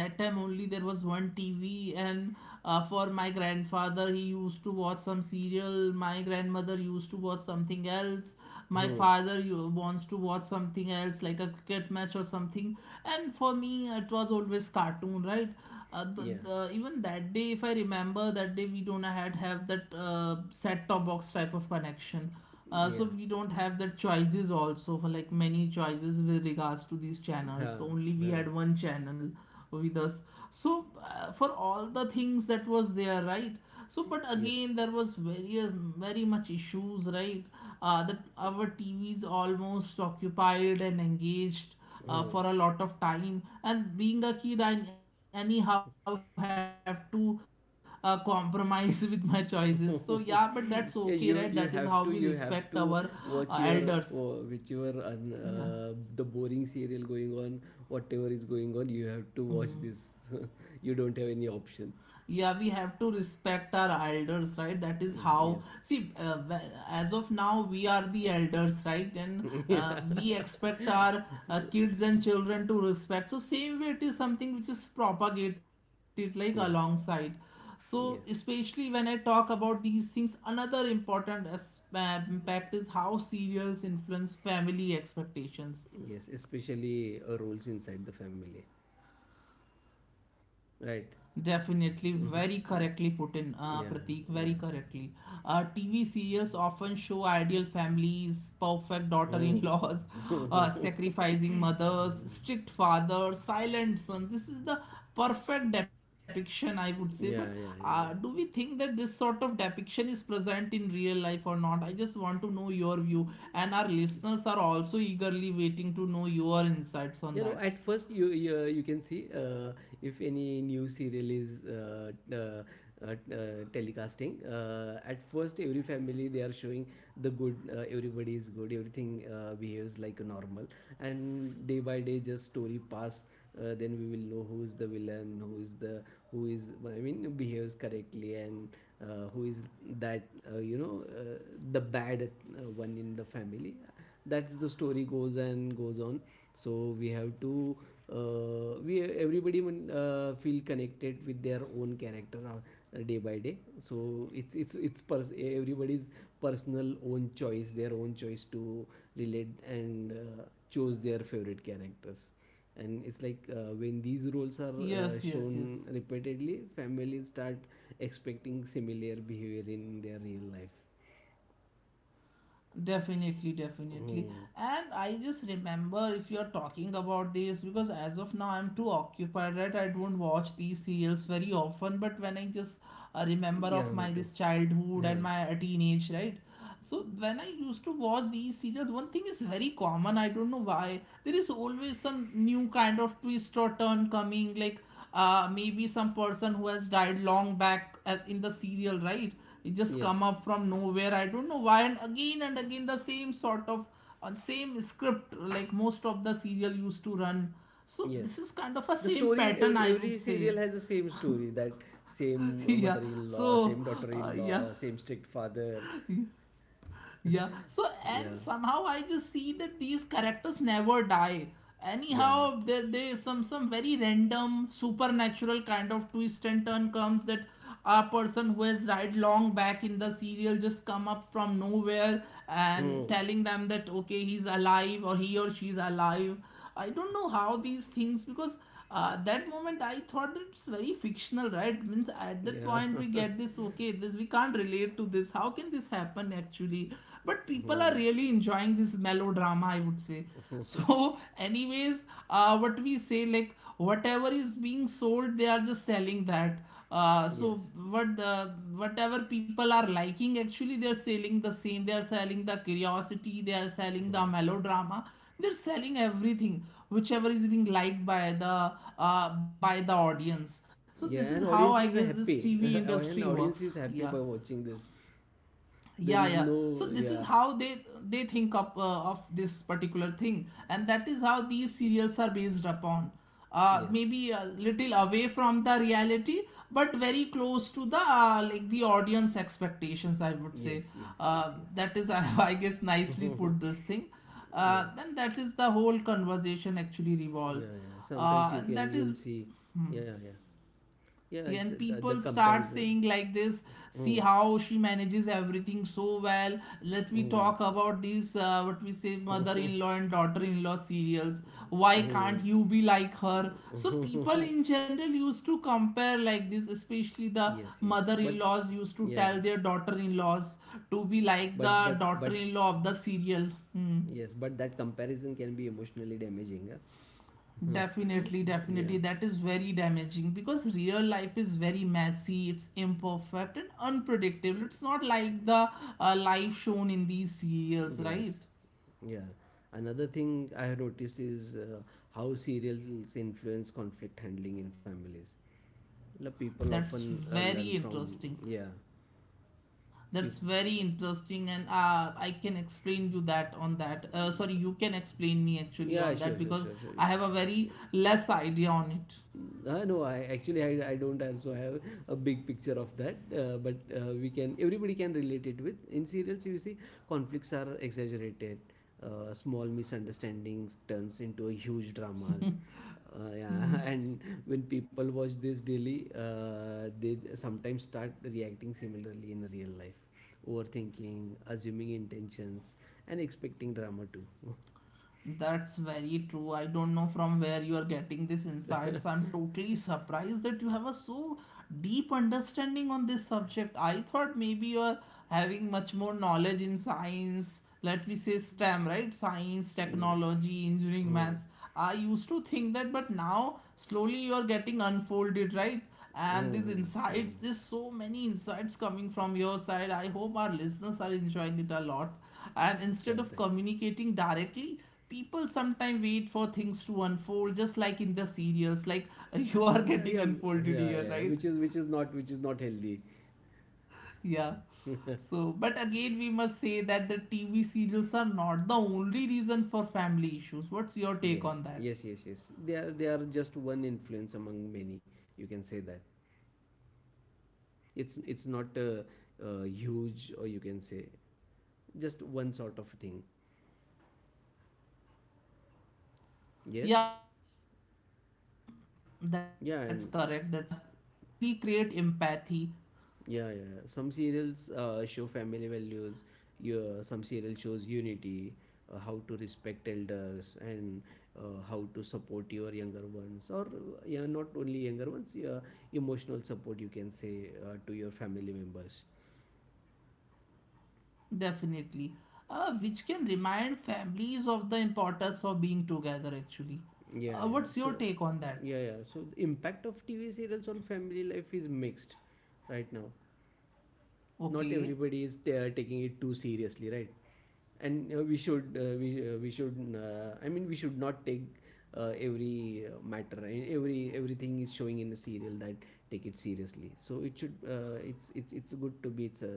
Speaker 1: That time only there was one TV, and for my grandfather, he used to watch some serial, my grandmother used to watch something else, my
Speaker 2: Hmm.
Speaker 1: father you wants to watch something else like a cricket match or something, and for me it was always cartoon, right?
Speaker 2: Yeah.
Speaker 1: Even that day, if I remember that day, we don't had have that set top box type of connection. So
Speaker 2: Yeah.
Speaker 1: we don't have that choices also for like many choices with regards to these channels,
Speaker 2: Huh.
Speaker 1: so only we
Speaker 2: Huh.
Speaker 1: had one channel with us, so for all the things that was there, right? So but
Speaker 2: Yes.
Speaker 1: again there was very very much issues, right? That our TV is almost occupied and engaged
Speaker 2: Oh.
Speaker 1: for a lot of time. And being a kid, I anyhow have to compromise [LAUGHS] with my choices. So, yeah, but that's okay, right? That
Speaker 2: [LAUGHS]
Speaker 1: is how we
Speaker 2: Yeah, you
Speaker 1: respect
Speaker 2: you
Speaker 1: our
Speaker 2: have to, you have to
Speaker 1: elders.
Speaker 2: watch your, oh,
Speaker 1: Yeah.
Speaker 2: whichever un, the boring serial going on, whatever is going on, you have to watch this. [LAUGHS] You don't have any option.
Speaker 1: Yeah, we have to respect our elders, right? That is
Speaker 2: Mm,
Speaker 1: how,
Speaker 2: yes.
Speaker 1: see, as of now we are the elders, right? And
Speaker 2: [LAUGHS] Yeah.
Speaker 1: we expect our kids and children to respect, so same way it is something which is propagated like
Speaker 2: Yes,
Speaker 1: alongside. So
Speaker 2: yes,
Speaker 1: especially when I talk about these things, another important impact is how serials influence family expectations.
Speaker 2: yes, especially roles inside the family, right?
Speaker 1: Definitely,
Speaker 2: [LAUGHS] Mhm.
Speaker 1: very correctly put in,
Speaker 2: Yeah,
Speaker 1: Pratik,
Speaker 2: yeah,
Speaker 1: very correctly. TV serials often show ideal families, perfect daughter
Speaker 2: oh,
Speaker 1: in laws, [LAUGHS]
Speaker 2: [LAUGHS]
Speaker 1: sacrificing mothers, strict fathers, silent son. This is the perfect depiction, I would say. But
Speaker 2: yeah, yeah,
Speaker 1: do we
Speaker 2: yeah.
Speaker 1: think that this sort of depiction is present in real life or not? I just want to know your view, and our listeners are also eagerly waiting to know your insights on
Speaker 2: You know,
Speaker 1: that.
Speaker 2: at first you can see, if any new serial is uh, telecasting. At first, every family they are showing the good. Everybody is good. Everything behaves like normal. And day by day, just story pass. Then we will know who is the villain, who is the, who is, I mean, behaves correctly, and who is that, the bad one in the family. That's the story goes and goes on. So we have to, we, everybody, feel connected with their own character day by day. So everybody's personal own choice, their own choice to relate and choose their favorite characters. And it's like, when these roles are
Speaker 1: Yes, yes, yes.
Speaker 2: shown repeatedly, families start expecting similar behavior in their real life.
Speaker 1: Definitely, definitely.
Speaker 2: Hmm.
Speaker 1: And I just remember if you're talking about this, because as of now I'm too occupied, right? I don't watch these serials very often, but when I just remember of
Speaker 2: Yeah,
Speaker 1: my
Speaker 2: me
Speaker 1: this
Speaker 2: too.
Speaker 1: childhood and
Speaker 2: Yeah,
Speaker 1: my teenage, right? So when I used to watch these serials, one thing is very common. I don't know why. There is always some new kind of twist or turn coming. Like maybe some person who has died long back as in the serial, right? It just
Speaker 2: yes.
Speaker 1: come up from nowhere. I don't know why, and again the same sort of same script like most of the serial used to run. So this
Speaker 2: Yes.
Speaker 1: is kind of a
Speaker 2: The
Speaker 1: same
Speaker 2: story,
Speaker 1: pattern, I would
Speaker 2: every
Speaker 1: say.
Speaker 2: serial has the same story, that same
Speaker 1: [LAUGHS] yeah.
Speaker 2: mother-in-law,
Speaker 1: So
Speaker 2: same
Speaker 1: uh, yeah.
Speaker 2: daughter-in-law, same strict father.
Speaker 1: [LAUGHS] Yeah
Speaker 2: [LAUGHS]
Speaker 1: so and
Speaker 2: Yeah.
Speaker 1: somehow I just see that these characters never die.
Speaker 2: Yeah.
Speaker 1: Anyhow, there they some very random supernatural kind of twist and turn comes that a person who has died long back in the serial just come up from nowhere and
Speaker 2: Mm.
Speaker 1: telling them that okay, he's alive or he or she's alive. I don't know how these things, because that moment I thought that it's very fictional, right? Means at that
Speaker 2: Yeah.
Speaker 1: point we
Speaker 2: [LAUGHS]
Speaker 1: get this, okay, this we can't relate to this, how can this happen actually. But people
Speaker 2: Mm.
Speaker 1: are really enjoying this melodrama, I would say.
Speaker 2: [LAUGHS]
Speaker 1: So [LAUGHS] anyways, what we say, like whatever is being sold they are just selling that. So
Speaker 2: Yes.
Speaker 1: whatever people are liking, actually they are selling the same, they are selling the curiosity, they are selling the
Speaker 2: Mm.
Speaker 1: melodrama, they're selling everything, whichever is being liked by the audience. So this
Speaker 2: Yeah,
Speaker 1: is
Speaker 2: and
Speaker 1: how
Speaker 2: audience
Speaker 1: I
Speaker 2: is
Speaker 1: guess this
Speaker 2: happy. [LAUGHS]
Speaker 1: TV
Speaker 2: And
Speaker 1: industry
Speaker 2: audience
Speaker 1: works.
Speaker 2: is happy by
Speaker 1: Yeah,
Speaker 2: watching this. There is
Speaker 1: yeah, yeah.
Speaker 2: no,
Speaker 1: So this
Speaker 2: yeah.
Speaker 1: is how they think of this particular thing, and that is how these serials are based upon,
Speaker 2: Yes.
Speaker 1: maybe a little away from the reality but very close to the like the audience expectations, I would say.
Speaker 2: Yes, yes, yes, yes.
Speaker 1: That is, [LAUGHS] I guess, nicely put this thing.
Speaker 2: [LAUGHS] Yeah.
Speaker 1: Then that is the whole conversation actually revolves.
Speaker 2: Yeah, yeah. Sometimes you
Speaker 1: And
Speaker 2: can,
Speaker 1: that is
Speaker 2: you'll see.
Speaker 1: Hmm.
Speaker 2: Yeah, yeah. Yeah,
Speaker 1: Yeah,
Speaker 2: it's
Speaker 1: and people
Speaker 2: the
Speaker 1: start
Speaker 2: comparison.
Speaker 1: saying like this, see
Speaker 2: Mm,
Speaker 1: how she manages everything so well. Let me
Speaker 2: mm,
Speaker 1: talk about these what we say, mother-in-law
Speaker 2: [LAUGHS]
Speaker 1: and daughter-in-law serials. Why
Speaker 2: mm,
Speaker 1: can't you be like her? So people
Speaker 2: mm.
Speaker 1: in general used to compare like this, especially
Speaker 2: [LAUGHS]
Speaker 1: the
Speaker 2: Yes, yes. But,
Speaker 1: mother-in-laws used to
Speaker 2: yeah,
Speaker 1: tell their daughter-in-laws to be like the
Speaker 2: but
Speaker 1: daughter-in-law of the serial. Hmm.
Speaker 2: yes, but that comparison can be emotionally damaging. Huh?
Speaker 1: Definitely,
Speaker 2: [LAUGHS] Yeah,
Speaker 1: definitely. That is very damaging because real life is very messy, it's imperfect and unpredictable. It's not like the life shown in these serials,
Speaker 2: yes,
Speaker 1: right?
Speaker 2: yeah. Another thing I have noticed is how serials influence conflict handling in families. La people
Speaker 1: That's
Speaker 2: often learn
Speaker 1: very
Speaker 2: from,
Speaker 1: interesting.
Speaker 2: yeah, peop-,
Speaker 1: That's very interesting, and I can explain you that on that. Sorry, you can explain me actually
Speaker 2: yeah,
Speaker 1: on that
Speaker 2: sure, sure,
Speaker 1: because
Speaker 2: sure, sure.
Speaker 1: I have a very less idea on it.
Speaker 2: No, I actually I don't also have a big picture of that, but we can, everybody can relate it with. In serials, you see, conflicts are exaggerated. Small misunderstandings turns into a huge dramas. Yeah, [LAUGHS] and when people watch this daily, they sometimes start reacting similarly in real life, overthinking, assuming intentions, and expecting drama too. [LAUGHS]
Speaker 1: That's very true. I don't know from where you are getting these insights. I'm totally surprised that you have a so deep understanding on this subject. I thought maybe you're having much more knowledge in science, let me say STEM, right? Science,
Speaker 2: Yeah.
Speaker 1: technology, engineering,
Speaker 2: Mm.
Speaker 1: maths. I used to think that, but now slowly you're getting unfolded, right?
Speaker 2: Mm.
Speaker 1: And these
Speaker 2: Mm.
Speaker 1: insights,
Speaker 2: Mm.
Speaker 1: there's so many insights coming from your side. I hope our listeners are enjoying it a lot. And
Speaker 2: Yeah.
Speaker 1: instead of
Speaker 2: Thanks.
Speaker 1: communicating directly, people sometimes wait for things to unfold just like in the serials, like [LAUGHS] you are
Speaker 2: Yeah,
Speaker 1: getting
Speaker 2: yeah, yeah,
Speaker 1: unfolded
Speaker 2: yeah,
Speaker 1: here,
Speaker 2: yeah,
Speaker 1: right?
Speaker 2: which is, which is not healthy.
Speaker 1: Yeah,
Speaker 2: [LAUGHS]
Speaker 1: so but again we must say that the TV serials are not the only reason for family issues. What's your take
Speaker 2: Yeah,
Speaker 1: on that?
Speaker 2: yes, yes, yes. They are, they are just one influence among many. You can say that
Speaker 1: Yeah, and
Speaker 2: it's
Speaker 1: when
Speaker 2: it's
Speaker 1: watched
Speaker 2: not a
Speaker 1: mindfully,
Speaker 2: huge, or you can say just one sort of
Speaker 1: yeah, yeah,
Speaker 2: thing.
Speaker 1: that's correct, that's correct, and when it is
Speaker 2: Yes,
Speaker 1: watched mindfully they can actually create
Speaker 2: yeah, and
Speaker 1: empathy.
Speaker 2: yeah, yeah. Some serials show family values. You, some serial shows unity, how to respect elders, and how to support your younger ones, or yeah, not only younger ones. Yeah, emotional support, you can say, to your family members.
Speaker 1: Definitely. Which can remind families of the importance of being together, actually.
Speaker 2: Yeah,
Speaker 1: What's
Speaker 2: yeah.
Speaker 1: your
Speaker 2: So,
Speaker 1: take on that?
Speaker 2: yeah, yeah. So the impact of TV serials on family life is mixed right now. Not
Speaker 1: Okay,
Speaker 2: everybody is taking it too seriously, right? And we should I mean, we should not take every matter, every, everything is showing in a serial, that take it seriously. So it should, it's good to be, it's a,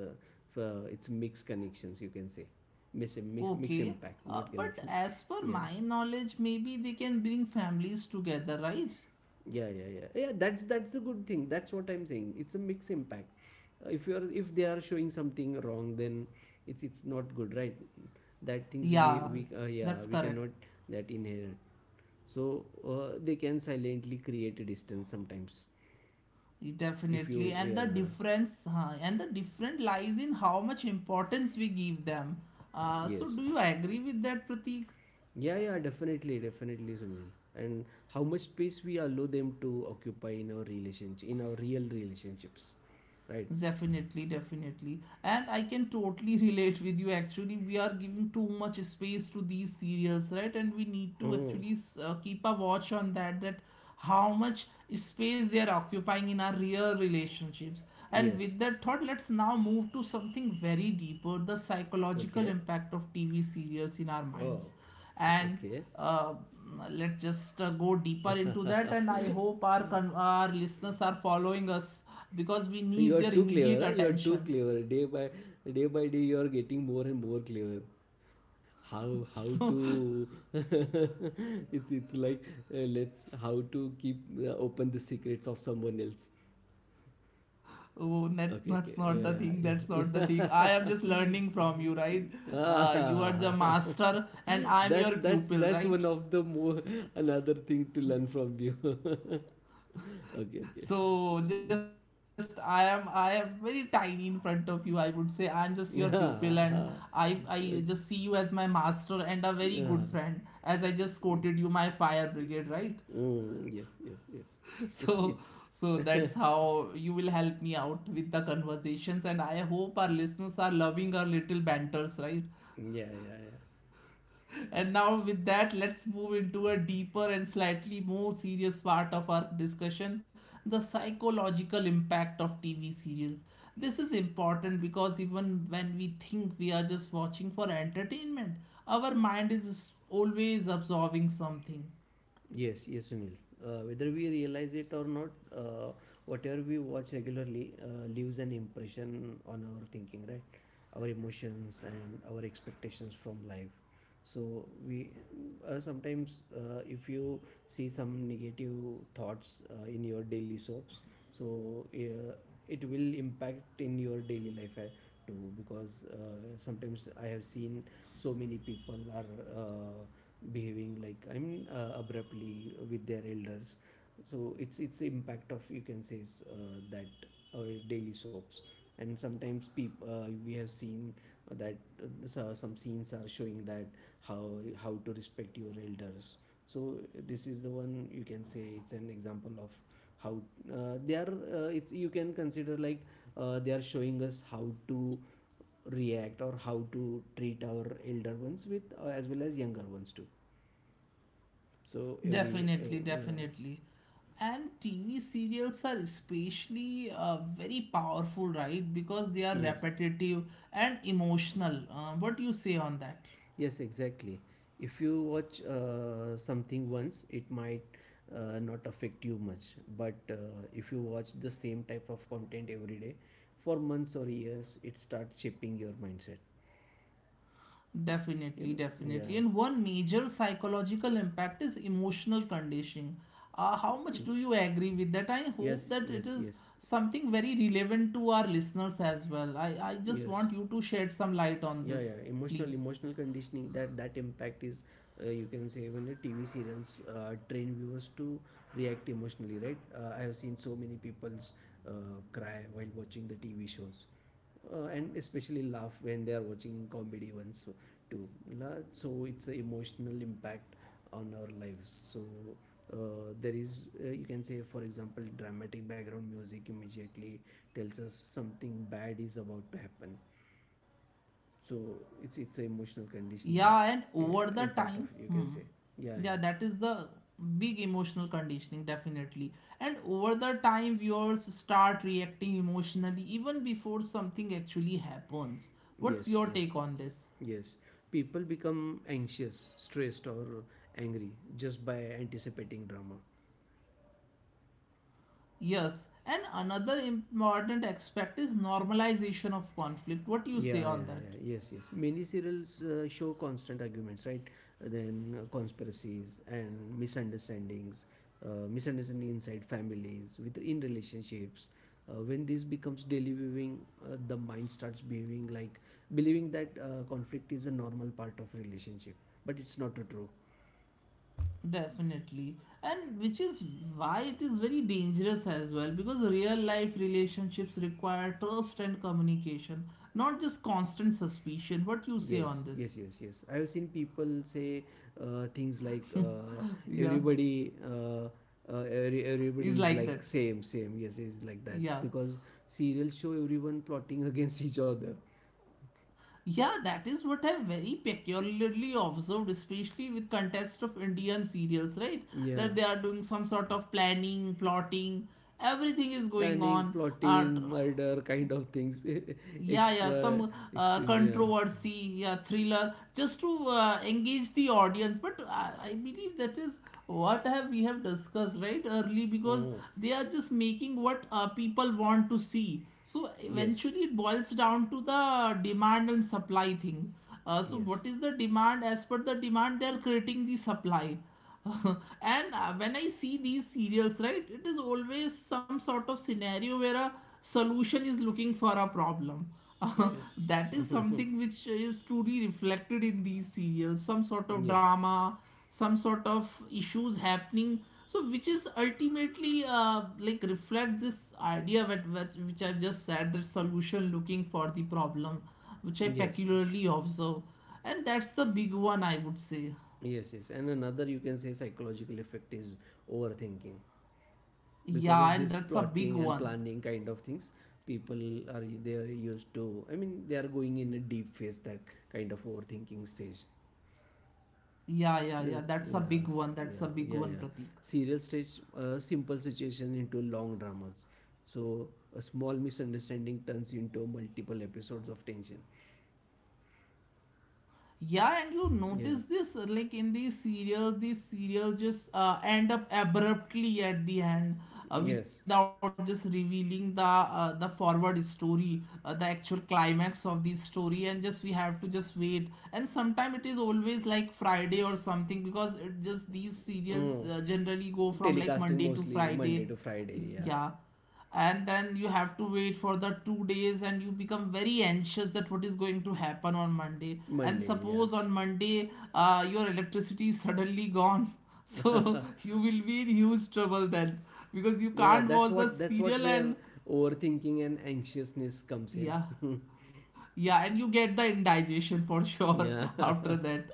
Speaker 2: it's mixed connections, you can say, mix, mix, mix
Speaker 1: okay.
Speaker 2: impact, not
Speaker 1: But
Speaker 2: connection.
Speaker 1: as per
Speaker 2: Yeah,
Speaker 1: my knowledge, maybe they can bring families together, right?
Speaker 2: yeah, yeah, yeah, yeah, that's a good thing. That's what I'm saying, it's a mixed impact. If you're, if they are showing something wrong, then it's not good, right? That things we,
Speaker 1: Yeah,
Speaker 2: yeah,
Speaker 1: that's
Speaker 2: we
Speaker 1: correct.
Speaker 2: cannot that inherit. So they can silently create a distance sometimes. If you,
Speaker 1: Definitely. And the
Speaker 2: yeah,
Speaker 1: difference, huh, and the different lies in how much importance we give them. So,
Speaker 2: yes,
Speaker 1: do you agree with that, Pratik?
Speaker 2: yeah, yeah, definitely, definitely, Sunil, and how much space we allow them to occupy in our relationship, in our real relationships, right?
Speaker 1: Definitely, definitely. And I can totally [LAUGHS] relate with you. Actually, we are giving too much space to these serials, right? And we need to
Speaker 2: Oh,
Speaker 1: actually keep a watch on that, that how much space they are occupying in our real relationships. And
Speaker 2: yes,
Speaker 1: with that thought, let's now move to something very deeper, the psychological
Speaker 2: okay.
Speaker 1: impact of TV serials in our
Speaker 2: Oh,
Speaker 1: minds. And
Speaker 2: okay.
Speaker 1: uh, let's just go deeper into that.
Speaker 2: [LAUGHS]
Speaker 1: And I hope our, our listeners are following us because we
Speaker 2: So you
Speaker 1: need
Speaker 2: are
Speaker 1: their
Speaker 2: too clever,
Speaker 1: immediate
Speaker 2: huh? You are too
Speaker 1: attention.
Speaker 2: clever. Day by, day by day, you are getting more and more clever. How to? [LAUGHS] It's like, let's, how to keep, open the secrets of someone else.
Speaker 1: Oh, that's
Speaker 2: Okay,
Speaker 1: not
Speaker 2: okay.
Speaker 1: the thing. That's not the
Speaker 2: Yeah, yeah.
Speaker 1: thing. I am just learning
Speaker 2: [LAUGHS]
Speaker 1: from you, right? You are the
Speaker 2: Ah,
Speaker 1: master, and
Speaker 2: [LAUGHS]
Speaker 1: I am
Speaker 2: that's,
Speaker 1: your
Speaker 2: that's
Speaker 1: pupil,
Speaker 2: that's one
Speaker 1: right?
Speaker 2: of the more, another thing to learn from you. [LAUGHS] Okay, okay.
Speaker 1: So just I am very tiny in front of you. I would say I am just your pupil, and I
Speaker 2: Ah, ah,
Speaker 1: I just see you as my master and a very good friend.
Speaker 2: ah.
Speaker 1: As I just quoted you, my fire brigade, right?
Speaker 2: Mm, yes, yes,
Speaker 1: [LAUGHS]
Speaker 2: yes.
Speaker 1: So,
Speaker 2: It's
Speaker 1: so that's how you will help me out with the conversations, and I hope our listeners are loving our little banters, right?
Speaker 2: yeah, yeah, yeah.
Speaker 1: And now, with that, let's move into a deeper and slightly more serious part of our discussion, the psychological impact of TV series. This is important because even when we think we are just watching for entertainment, our mind is always absorbing something.
Speaker 2: Yes, yes, Sunil. Whether we realize it or not, whatever we watch regularly leaves an impression on our thinking, right? Our emotions and our expectations from life. So we, sometimes, if you see some negative thoughts in your daily soaps, so it will impact in your daily life too. Because sometimes I have seen so many people are. Uh, behaving like, I mean, abruptly with their elders. So it's the impact of, you can say, is, that our daily soaps. And sometimes we have seen that some scenes are showing that how how to respect your elders. So this is the one, you can say, it's an example of how they are. It's, you can consider like they are showing us how to react or how to treat our elder ones with, as well as younger ones too. So every
Speaker 1: Definitely,
Speaker 2: yeah.
Speaker 1: definitely. And TV serials are especially very powerful, right? Because they are
Speaker 2: Yes,
Speaker 1: repetitive and emotional. What do you say on that?
Speaker 2: yes, exactly. If you watch something once, it might not affect you much, but if you watch the same type of content every day for months or years, it starts shaping your mindset, you
Speaker 1: Definitely,
Speaker 2: know. Yeah,
Speaker 1: definitely. And one major psychological impact is emotional conditioning. How much do you agree with that? I hope
Speaker 2: yes,
Speaker 1: that it
Speaker 2: yes,
Speaker 1: is
Speaker 2: yes,
Speaker 1: something very relevant to our listeners as well. I just
Speaker 2: yes.
Speaker 1: want you to shed some light on
Speaker 2: Yeah, yeah,
Speaker 1: this,
Speaker 2: emotional,
Speaker 1: please.
Speaker 2: emotional conditioning, that, that impact is, you can say, when the TV serials train viewers to react emotionally, right? I have seen so many people's, uh, cry while watching the TV shows, and especially laugh when they are watching comedy ones so, too. So it's an emotional impact on our lives. So there is, you can say, for example, dramatic background music immediately tells us something bad is about to happen. So it's a emotional conditioning
Speaker 1: Yeah, and over the
Speaker 2: impact of,
Speaker 1: time,
Speaker 2: you can say.
Speaker 1: hmm,
Speaker 2: Yeah, yeah.
Speaker 1: yeah, that is the big emotional conditioning, definitely. And over the time, viewers start reacting emotionally even before something actually happens. What's
Speaker 2: Yes,
Speaker 1: your take
Speaker 2: yes.
Speaker 1: on this?
Speaker 2: Yes. People become anxious, stressed, or angry just by anticipating drama.
Speaker 1: Yes, and another important aspect is normalization of conflict. What do you
Speaker 2: Yeah,
Speaker 1: say on
Speaker 2: yeah,
Speaker 1: that?
Speaker 2: yeah. Yes, yes. Many serials show constant arguments, right? Then conspiracies and misunderstandings, misunderstanding inside families, within relationships. When this becomes daily viewing, the mind starts behaving like believing that conflict is a normal part of relationship, but it's not true.
Speaker 1: Definitely. And which is why it is very dangerous as well because real life relationships require trust and communication, not just constant suspicion. What you say
Speaker 2: Yes,
Speaker 1: on this?
Speaker 2: yes, yes, yes. I have seen people say things like,
Speaker 1: [LAUGHS] Yeah,
Speaker 2: everybody, every, everybody
Speaker 1: is
Speaker 2: is
Speaker 1: like
Speaker 2: like
Speaker 1: that.
Speaker 2: same, same. Yes, is like that
Speaker 1: Yeah.
Speaker 2: because serials show everyone plotting [LAUGHS] against each other.
Speaker 1: Yeah, that is what I very peculiarly observed, especially with context of Indian serials, right?
Speaker 2: Yeah,
Speaker 1: That they are doing some sort of planning, plotting, everything is going
Speaker 2: planning,
Speaker 1: on. Uh,
Speaker 2: plotting, murder, kind of things. [LAUGHS]
Speaker 1: Yeah, yeah,
Speaker 2: Extra,
Speaker 1: some
Speaker 2: extremely. Yeah.
Speaker 1: controversy, yeah, thriller, just to engage the audience. But I believe that is what have we have discussed right early, because
Speaker 2: Oh,
Speaker 1: they are just making what people want to see. So
Speaker 2: yes,
Speaker 1: eventually it boils down to the demand and supply thing. So
Speaker 2: yes,
Speaker 1: what is the demand? As per the demand, they are creating the supply. [LAUGHS] And when I see these serials, right, it is always some sort of scenario where a solution is looking for a problem. [LAUGHS]
Speaker 2: yes,
Speaker 1: That is something
Speaker 2: [LAUGHS]
Speaker 1: which is truly reflected in these serials, some sort of
Speaker 2: yes,
Speaker 1: drama, some sort of issues happening. So which is ultimately like reflects this idea that, that which I've just said, the solution looking for the problem, which I
Speaker 2: yes,
Speaker 1: peculiarly observe, and that's the big one, I would say.
Speaker 2: yes, yes. And another, you can say, psychological effect is overthinking. Because
Speaker 1: Yeah,
Speaker 2: of
Speaker 1: and
Speaker 2: this
Speaker 1: that's a big
Speaker 2: plotting and
Speaker 1: one.
Speaker 2: planning kind of things, people are, they are used to, I mean, they are going in a deep phase, that kind of overthinking stage.
Speaker 1: Yeah, yeah, yeah,
Speaker 2: Yeah,
Speaker 1: that's a big
Speaker 2: yes,
Speaker 1: one, that's a
Speaker 2: yeah,
Speaker 1: big
Speaker 2: yeah,
Speaker 1: one,
Speaker 2: yeah.
Speaker 1: Pratik.
Speaker 2: Serial stage, simple situation into long dramas. So a small misunderstanding turns into multiple episodes of tension.
Speaker 1: Yeah, and you
Speaker 2: Yeah,
Speaker 1: notice this like in these serials just end up abruptly at the end
Speaker 2: yes,
Speaker 1: without just revealing the forward story, the actual climax of the story, and just we have to just wait. And sometimes it is always like Friday or something, because it just these serials
Speaker 2: mm,
Speaker 1: generally go from like
Speaker 2: telecasting
Speaker 1: Monday to
Speaker 2: mostly Monday to
Speaker 1: Friday.
Speaker 2: Friday, yeah.
Speaker 1: Yeah, and then you have to wait for the two days and you become very anxious that what is going to happen on Monday, and
Speaker 2: Monday, yeah.
Speaker 1: suppose on Monday your electricity is suddenly gone [LAUGHS] so
Speaker 2: [LAUGHS]
Speaker 1: you will be in huge trouble then because you
Speaker 2: Yeah,
Speaker 1: can't
Speaker 2: that's
Speaker 1: watch the
Speaker 2: what, that's
Speaker 1: serial.
Speaker 2: what
Speaker 1: And
Speaker 2: where overthinking and anxiousness comes in.
Speaker 1: yeah,
Speaker 2: [LAUGHS]
Speaker 1: yeah, and you get the indigestion for sure
Speaker 2: Yeah.
Speaker 1: [LAUGHS] after
Speaker 2: [LAUGHS]
Speaker 1: that.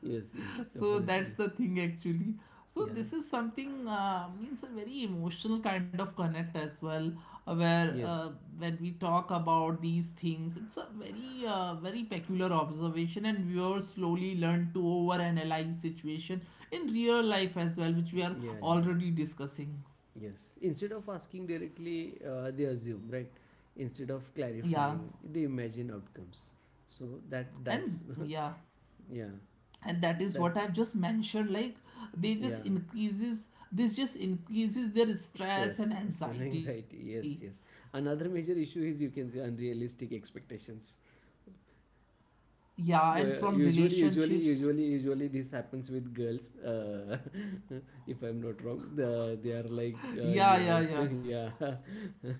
Speaker 2: Yes, yes,
Speaker 1: So that's
Speaker 2: definitely.
Speaker 1: the thing actually. So
Speaker 2: Yeah.
Speaker 1: this is something means a very emotional kind of connect as well, uh, where
Speaker 2: Yes.
Speaker 1: uh, when we talk about these things it's a very very peculiar observation, and viewers slowly learn to overanalyze situation in real life as well, which we are
Speaker 2: Yeah, yeah.
Speaker 1: already discussing.
Speaker 2: Yes. Instead of asking directly, they assume, right? Instead of
Speaker 1: Yeah,
Speaker 2: clarifying, they imagine outcomes. So that
Speaker 1: and
Speaker 2: that's
Speaker 1: yeah,
Speaker 2: [LAUGHS] yeah.
Speaker 1: and that is
Speaker 2: That
Speaker 1: what I've just mentioned, like they just
Speaker 2: yeah.
Speaker 1: increases, this just increases their stress and
Speaker 2: Stress and
Speaker 1: anxiety.
Speaker 2: anxiety. Yes, yes. Another major issue is, you can say, unrealistic expectations.
Speaker 1: Yeah, and
Speaker 2: Well,
Speaker 1: from
Speaker 2: usually, usually,
Speaker 1: relationships.
Speaker 2: usually, usually, this happens with girls. [LAUGHS] If I'm not wrong, they are like,
Speaker 1: [LAUGHS] Yeah,
Speaker 2: you
Speaker 1: yeah,
Speaker 2: have
Speaker 1: yeah.
Speaker 2: to, [LAUGHS] yeah, [LAUGHS]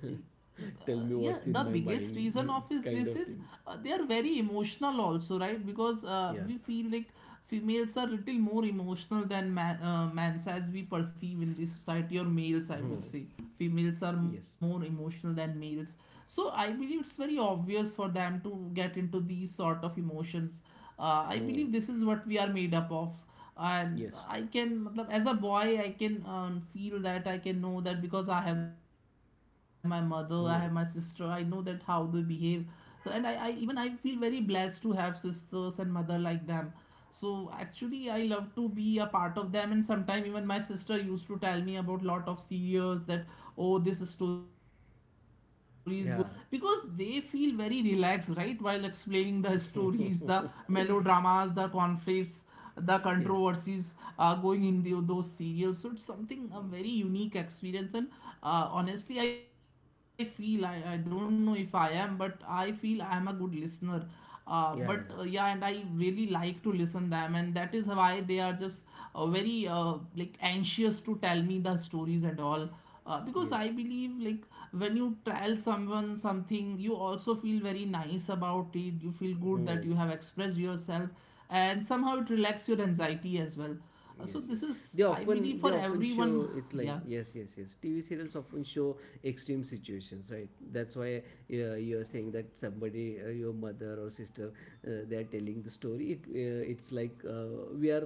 Speaker 2: tell me
Speaker 1: Yeah,
Speaker 2: what's
Speaker 1: the
Speaker 2: in my
Speaker 1: biggest reason of
Speaker 2: mind, [LAUGHS]
Speaker 1: is
Speaker 2: kind
Speaker 1: this
Speaker 2: of
Speaker 1: is
Speaker 2: thing.
Speaker 1: they are very emotional also, right? Because
Speaker 2: Yeah.
Speaker 1: we feel like females are little more emotional than mans as we perceive in this society, or males I
Speaker 2: Hmm.
Speaker 1: would say, females are
Speaker 2: Yes.
Speaker 1: more emotional than males. So I believe it's very obvious for them to get into these sort of emotions. Uh, I
Speaker 2: Hmm.
Speaker 1: believe this is what we are made up of. And
Speaker 2: Yes.
Speaker 1: I can matlab, as a boy I can feel that, I can know that, because I have my mother, I have my
Speaker 2: Hmm.
Speaker 1: sister, I know that how they behave. So, and I even I feel very blessed to have sisters and mother like them. So actually I love to be a part of them, and sometime even my sister used to tell me about lot of serials that oh, this story is going
Speaker 2: Yeah.
Speaker 1: on, because they feel very relaxed, right, while explaining the
Speaker 2: [LAUGHS]
Speaker 1: stories, the melodramas, the conflicts,
Speaker 2: yes.
Speaker 1: The controversies going in those
Speaker 2: Yeah.
Speaker 1: serials, so it's something a very unique experience. And honestly I feel, I don't know if I am, but I feel I am a good listener. uh,
Speaker 2: Yeah.
Speaker 1: but uh, yeah, and I really like to listen them, and that is why they are just very like anxious to tell me the stories and all,
Speaker 2: Yes.
Speaker 1: because I believe, like, when you tell someone something, you also feel very nice about it. You feel good that you
Speaker 2: Hmm.
Speaker 1: have expressed yourself, and somehow it relaxes your anxiety as well. So
Speaker 2: Yes,
Speaker 1: this
Speaker 2: yes.
Speaker 1: is,
Speaker 2: They
Speaker 1: I believe,
Speaker 2: often they
Speaker 1: for
Speaker 2: often
Speaker 1: everyone.
Speaker 2: show it's like,
Speaker 1: Yeah.
Speaker 2: yes, yes, yes. TV serials often show extreme situations, right? That's why, you're saying that somebody, your mother or sister, they are telling the story. It's like we are.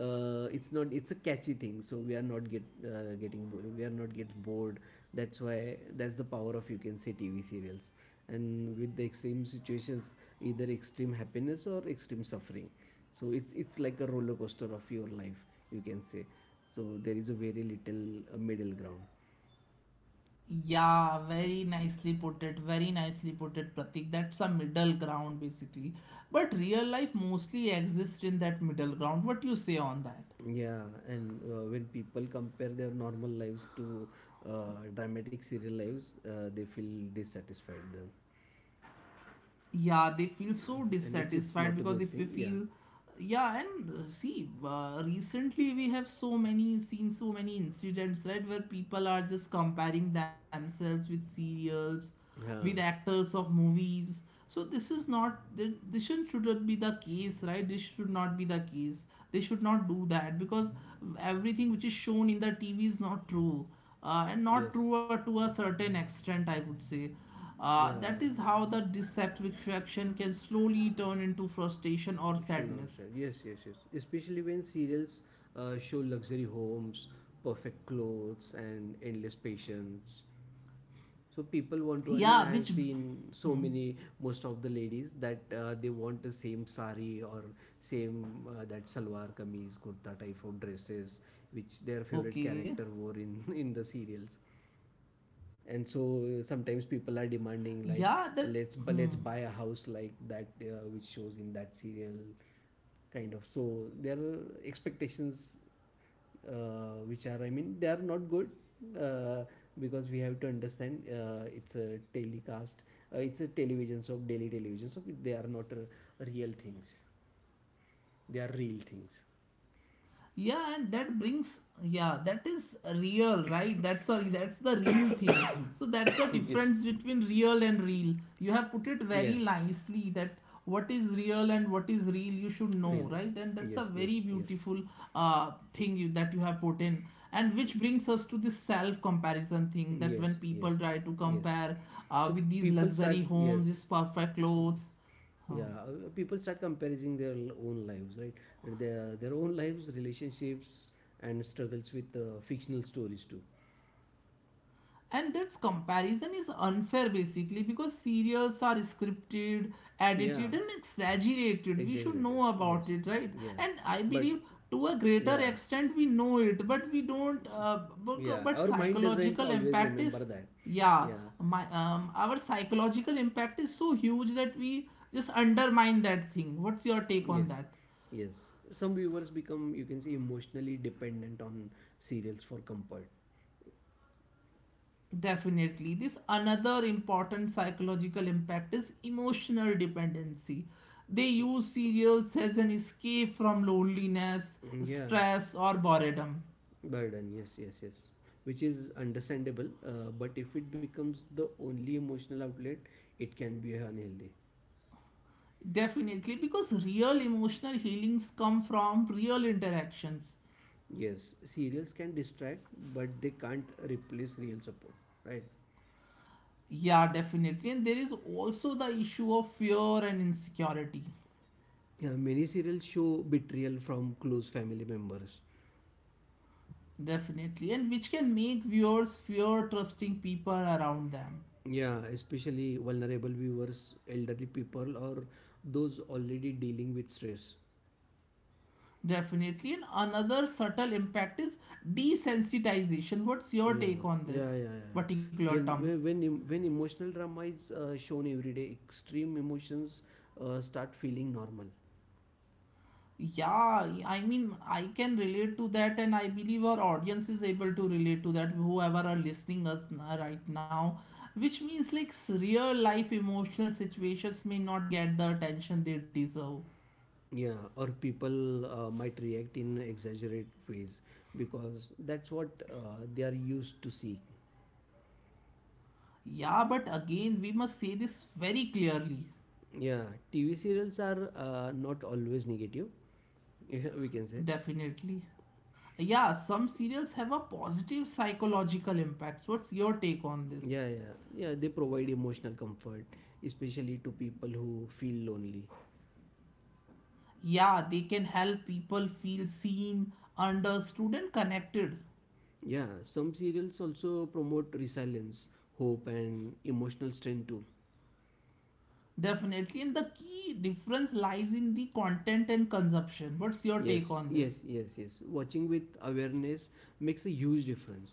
Speaker 2: It's not. It's a catchy thing, so we are not get bored. That's why that's the power of, you can say, TV serials, and with the extreme situations, either extreme happiness or extreme suffering, so it's like a roller coaster of your life, you can say. So there is a very little middle ground.
Speaker 1: Yeah, very nicely put it. Very nicely put it, Pratik. That's a middle ground basically. But real life mostly exists in that middle ground. What you say on that?
Speaker 2: Yeah, and when people compare their normal lives to dramatic serial lives, they feel dissatisfied then.
Speaker 1: Yeah, they feel so
Speaker 2: And it's
Speaker 1: dissatisfied.
Speaker 2: not a
Speaker 1: Because
Speaker 2: good
Speaker 1: if
Speaker 2: thing.
Speaker 1: we
Speaker 2: Yeah,
Speaker 1: feel, yeah, and see, recently we have so many, seen so many incidents, right, where people are just comparing themselves with serials,
Speaker 2: yeah,
Speaker 1: with actors of movies. So this is not th- this shouldn't, be the case, right? This should not be the case. They should not do that, because everything which is shown in the TV is not true. And
Speaker 2: yes,
Speaker 1: not true to a certain extent, I would say.
Speaker 2: yeah,
Speaker 1: That is
Speaker 2: yeah.
Speaker 1: how the dissatisfaction can slowly turn into frustration or
Speaker 2: Sure, no, sure.
Speaker 1: sadness.
Speaker 2: Yes, yes, yes. Especially when serials show luxury homes, perfect clothes, and endless patience. So people want to, I mean,
Speaker 1: Yeah,
Speaker 2: I have
Speaker 1: which
Speaker 2: seen so many, most of the ladies, that they want the same sari or same, that salwar kameez kurta type of dresses, which their favorite character wore in
Speaker 1: okay.
Speaker 2: [LAUGHS] in the serials. And so sometimes people are
Speaker 1: Yeah, that.
Speaker 2: demanding, like, let's buy a house like that, which shows in that serial, kind of. So there are expectations which are, I mean, they are not good, uh, because we have to understand, it's a telecast, it's a television, so daily television, so they are not real things. They are real things.
Speaker 1: Yeah, and that brings, yeah, that is real, right? That's, sorry, that's the real thing. So that's the
Speaker 2: [COUGHS] Yes.
Speaker 1: difference between real and real. You have put it
Speaker 2: Yeah,
Speaker 1: very nicely that what is real and what is real, you should
Speaker 2: real.
Speaker 1: know, right? And that's a
Speaker 2: Yes, yes,
Speaker 1: very
Speaker 2: yes,
Speaker 1: beautiful thing that you have put in. And which brings us to this self comparison thing, that
Speaker 2: yes,
Speaker 1: when
Speaker 2: yes,
Speaker 1: people try to
Speaker 2: yes.
Speaker 1: compare
Speaker 2: So
Speaker 1: with these
Speaker 2: people
Speaker 1: luxury
Speaker 2: start,
Speaker 1: homes, these
Speaker 2: yes.
Speaker 1: perfect clothes.
Speaker 2: Yeah, people start comparing their own lives, right? Their own lives, relationships, and struggles with fictional stories too.
Speaker 1: And that comparison is unfair basically, because serials are scripted,
Speaker 2: Yeah,
Speaker 1: edited and exaggerated. We should
Speaker 2: exaggerated,
Speaker 1: know
Speaker 2: yes.
Speaker 1: about it, right?
Speaker 2: Yeah,
Speaker 1: And I
Speaker 2: but
Speaker 1: believe, to a greater
Speaker 2: yeah,
Speaker 1: extent, we know it, but we don't,
Speaker 2: yeah,
Speaker 1: but
Speaker 2: our mind doesn't
Speaker 1: psychological
Speaker 2: always
Speaker 1: impact
Speaker 2: remember
Speaker 1: is,
Speaker 2: that.
Speaker 1: yeah.
Speaker 2: Yeah,
Speaker 1: my Our psychological impact is so huge that we just undermine that thing. What's your take on
Speaker 2: yes,
Speaker 1: that?
Speaker 2: yes. Some viewers become, you can say, emotionally dependent on serials for comfort.
Speaker 1: Definitely. This another important psychological impact is emotional dependency. They use cereals as an escape from loneliness,
Speaker 2: Mm, yeah,
Speaker 1: stress, or boredom.
Speaker 2: burden, yes, yes, yes, which is understandable, but if it becomes the only emotional outlet, it can be unhealthy.
Speaker 1: Definitely, because real emotional healings come from real interactions.
Speaker 2: Yes, serials can distract, but they can't replace real support, right?
Speaker 1: Yeah, definitely. And there is also the issue of fear and insecurity.
Speaker 2: Yeah, many serials show betrayal from close family members.
Speaker 1: Definitely. And which can make viewers fear trusting people around them.
Speaker 2: Yeah, especially vulnerable viewers, elderly people, or those already dealing with stress.
Speaker 1: Definitely. And another subtle impact is desensitization. What's your
Speaker 2: Yeah,
Speaker 1: take on
Speaker 2: yeah,
Speaker 1: this
Speaker 2: yeah, yeah.
Speaker 1: particular
Speaker 2: When
Speaker 1: term?
Speaker 2: when when em- when emotional drama is shown every day, extreme emotions start feeling normal.
Speaker 1: Yeah, I mean, I can relate to that, and I believe our audience is able to relate to that, whoever are listening us right now, which means like real life emotional situations may not get the attention they deserve.
Speaker 2: Yeah, or people might react in exaggerate ways because that's what they are used to see.
Speaker 1: Yeah, but again, we must say this very clearly.
Speaker 2: Yeah, TV serials are not always negative. Yeah, we can say.
Speaker 1: Definitely. Yeah, some serials have a positive psychological impact. So what's your take on this?
Speaker 2: Yeah, yeah, yeah. They provide emotional comfort, especially to people who feel lonely.
Speaker 1: Yeah, they can help people feel seen, understood, and connected.
Speaker 2: Yeah, some serials also promote resilience, hope, and emotional strength too.
Speaker 1: Definitely. And the key difference lies in the content and consumption. What's your take
Speaker 2: Yes,
Speaker 1: on
Speaker 2: yes,
Speaker 1: this?
Speaker 2: yes, yes. Watching with awareness makes a huge difference.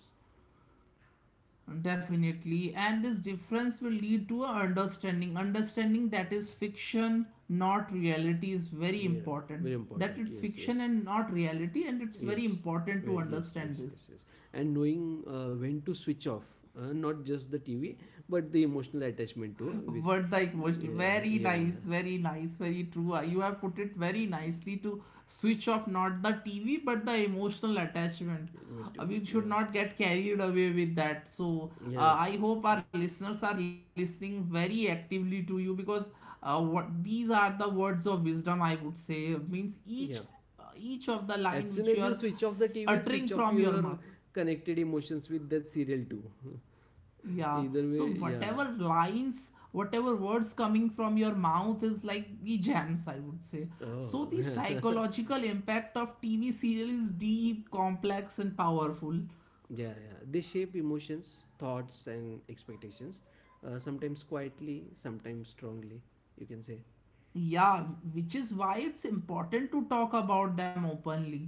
Speaker 1: Definitely, and this difference will lead to a understanding. Understanding that is fiction, not reality, is very
Speaker 2: Yeah,
Speaker 1: important.
Speaker 2: very
Speaker 1: That
Speaker 2: important.
Speaker 1: it's
Speaker 2: Yes,
Speaker 1: fiction
Speaker 2: yes,
Speaker 1: and not reality, and it's very
Speaker 2: yes,
Speaker 1: important to
Speaker 2: Yes,
Speaker 1: understand
Speaker 2: yes,
Speaker 1: this.
Speaker 2: yes, yes. And knowing when to switch off, not just the TV, but the emotional attachment too. With.
Speaker 1: What the emotional.
Speaker 2: Yeah,
Speaker 1: Very
Speaker 2: yeah,
Speaker 1: nice, very nice, very true. You have put it very nicely to switch off not the TV but the emotional attachment.
Speaker 2: me too.
Speaker 1: We should
Speaker 2: Yeah,
Speaker 1: not get carried away with that. So
Speaker 2: yes,
Speaker 1: I hope our listeners are listening very actively to you, because what, these are the words of wisdom, I would say. Means
Speaker 2: yeah.
Speaker 1: each of the line
Speaker 2: As
Speaker 1: which you
Speaker 2: soon
Speaker 1: are
Speaker 2: as you switch off the TV,
Speaker 1: uttering
Speaker 2: switch
Speaker 1: from
Speaker 2: off
Speaker 1: your mouth.
Speaker 2: your connected emotions with that serial too.
Speaker 1: Yeah.
Speaker 2: [LAUGHS] Either
Speaker 1: So
Speaker 2: way,
Speaker 1: whatever
Speaker 2: yeah.
Speaker 1: lines, whatever words coming from your mouth is like the gems, I would say.
Speaker 2: Oh,
Speaker 1: So the
Speaker 2: [LAUGHS]
Speaker 1: psychological impact of TV serial is deep, complex, and powerful.
Speaker 2: yeah, yeah. They shape emotions, thoughts, and expectations. Sometimes quietly, sometimes strongly. You can say,
Speaker 1: Yeah, which is why it's important to talk about them openly.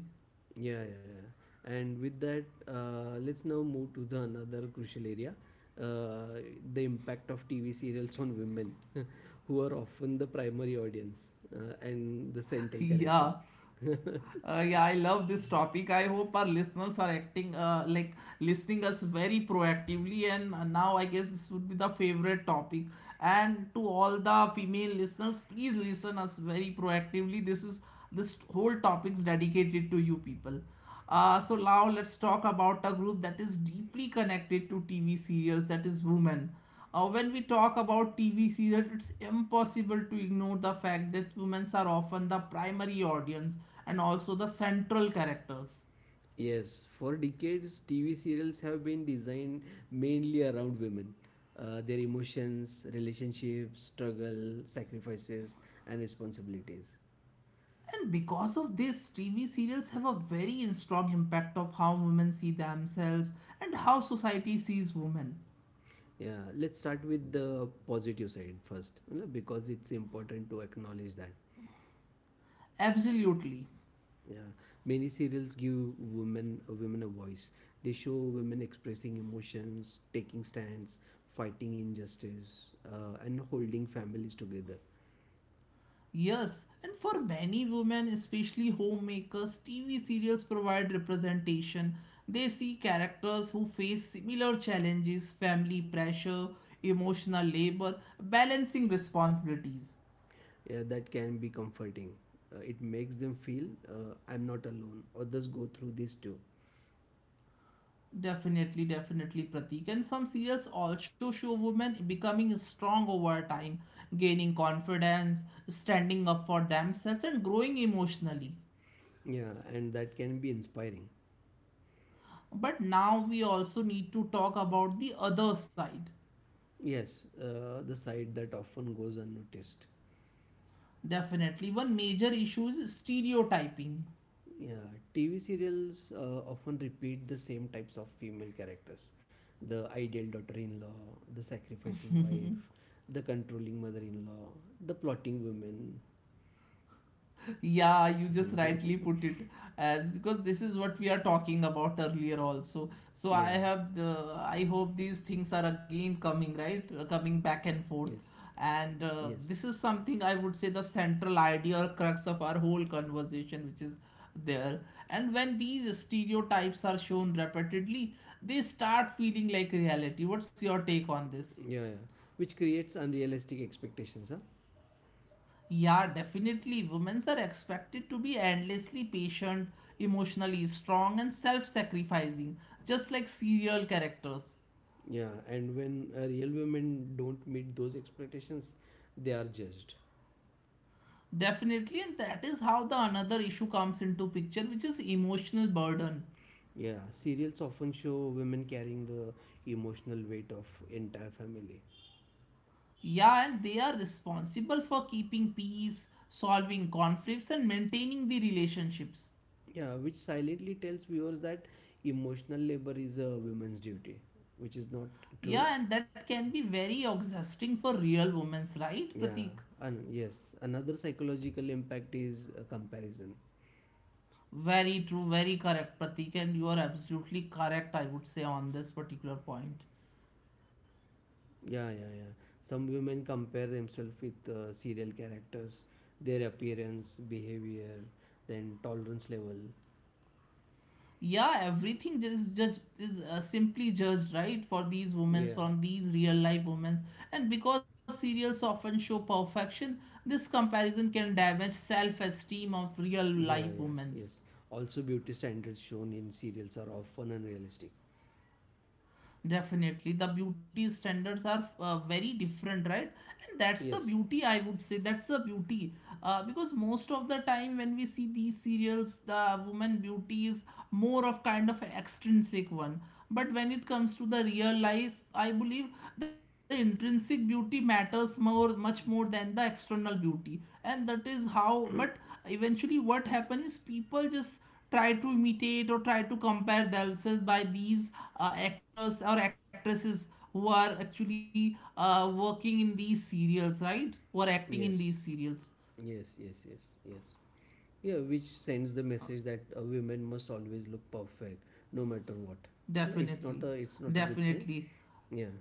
Speaker 2: yeah, yeah, yeah. And with that, let's now move to the another crucial area, uh, the impact of TV serials on women, [LAUGHS] who are often the primary audience and the
Speaker 1: [LAUGHS]
Speaker 2: central character.
Speaker 1: Yeah.
Speaker 2: [LAUGHS]
Speaker 1: Yeah, I love this topic. I hope our listeners are acting like listening us very proactively. And now I guess this would be the favorite topic. And to all the female listeners, please listen us very proactively. This whole topic is dedicated to you people. So now let's talk about a group that is deeply connected to TV serials. That is women. When we talk about TV serials, it's impossible to ignore the fact that women are often the primary audience, and also the central characters.
Speaker 2: Yes, for decades, TV serials have been designed mainly around women, their emotions, relationships, struggle, sacrifices, and responsibilities.
Speaker 1: And because of this, TV serials have a very strong impact of how women see themselves and how society sees women.
Speaker 2: Yeah, let's start with the positive side first, you know, because it's important to acknowledge that.
Speaker 1: Absolutely.
Speaker 2: Yeah, many serials give women a voice. They show women expressing emotions, taking stands, fighting injustice, and holding families together.
Speaker 1: Yes, and for many women, especially homemakers, TV serials provide representation. They see characters who face similar challenges: family pressure, emotional labor, balancing responsibilities.
Speaker 2: Yeah, that can be comforting. It makes them feel, I'm not alone. Others go through this too.
Speaker 1: Definitely, definitely, Pratik. And some serials also show women becoming strong over time, gaining confidence, standing up for themselves, and growing emotionally.
Speaker 2: Yeah, and that can be inspiring.
Speaker 1: But now we also need to talk about the other side.
Speaker 2: Yes, the side that often goes unnoticed.
Speaker 1: Definitely. One major issue is stereotyping.
Speaker 2: Yeah, TV serials often repeat the same types of female characters: the ideal daughter in law, the sacrificing wife, the controlling mother in law, the plotting woman.
Speaker 1: Yeah, you just rightly
Speaker 2: [LAUGHS]
Speaker 1: put it, as because this is what we are talking about earlier also. So I
Speaker 2: Yeah,
Speaker 1: have the, I hope these things are again coming right, coming back and
Speaker 2: yes,
Speaker 1: forth. And
Speaker 2: yes.
Speaker 1: this is something I would say the central idea or crux of our whole conversation, which is there. And when these stereotypes are shown repeatedly, they start feeling like reality. What's your take on this?
Speaker 2: Yeah, yeah. Which creates unrealistic expectations, huh?
Speaker 1: Yeah, definitely. Women are expected to be endlessly patient, emotionally strong, and self sacrificing, just like serial characters.
Speaker 2: Yeah, and when real women don't meet those expectations, they are judged.
Speaker 1: Definitely, and that is how the another issue comes into picture, which is emotional burden.
Speaker 2: Yeah, serials often show women carrying the emotional weight of entire family.
Speaker 1: Yeah, and they are responsible for keeping peace, solving conflicts, and maintaining the relationships.
Speaker 2: Yeah, which silently tells viewers that emotional labor is a woman's duty, which is not true.
Speaker 1: Yeah, and that can be very exhausting for real women, right,
Speaker 2: Yeah,
Speaker 1: Pratik?
Speaker 2: and yes, another psychological impact is comparison.
Speaker 1: Very true, very correct, Pratik, and you are absolutely correct, I would say, on this particular point.
Speaker 2: Yeah, yeah, yeah. Some women compare themselves with serial characters, their appearance, behavior, then tolerance level.
Speaker 1: Yeah, everything just judged is simply judged, right, for these women,
Speaker 2: Yeah,
Speaker 1: from these real life women. And because serials often show perfection, this comparison can damage self esteem of real life
Speaker 2: yeah,
Speaker 1: women.
Speaker 2: yes, yes. Also, beauty standards shown in serials are often unrealistic.
Speaker 1: Definitely the beauty standards are very different, right? And that's the
Speaker 2: Yes,
Speaker 1: beauty, I would say, that's the beauty. Because most of the time when we see these serials, the woman beauty is more of kind of an extrinsic one. But when it comes to the real life, I believe the intrinsic beauty matters more, much more than the external beauty. And that is how, but eventually what happens is people just try to imitate or try to compare themselves by these actors or actresses who are actually working in these serials, right, who are acting in
Speaker 2: yes,
Speaker 1: these serials.
Speaker 2: yes, yes, yes, yes. Yeah, which sends the message that a woman must always look perfect, no matter what. Like,
Speaker 1: Definitely,
Speaker 2: it's not a good thing.
Speaker 1: definitely.
Speaker 2: Yeah.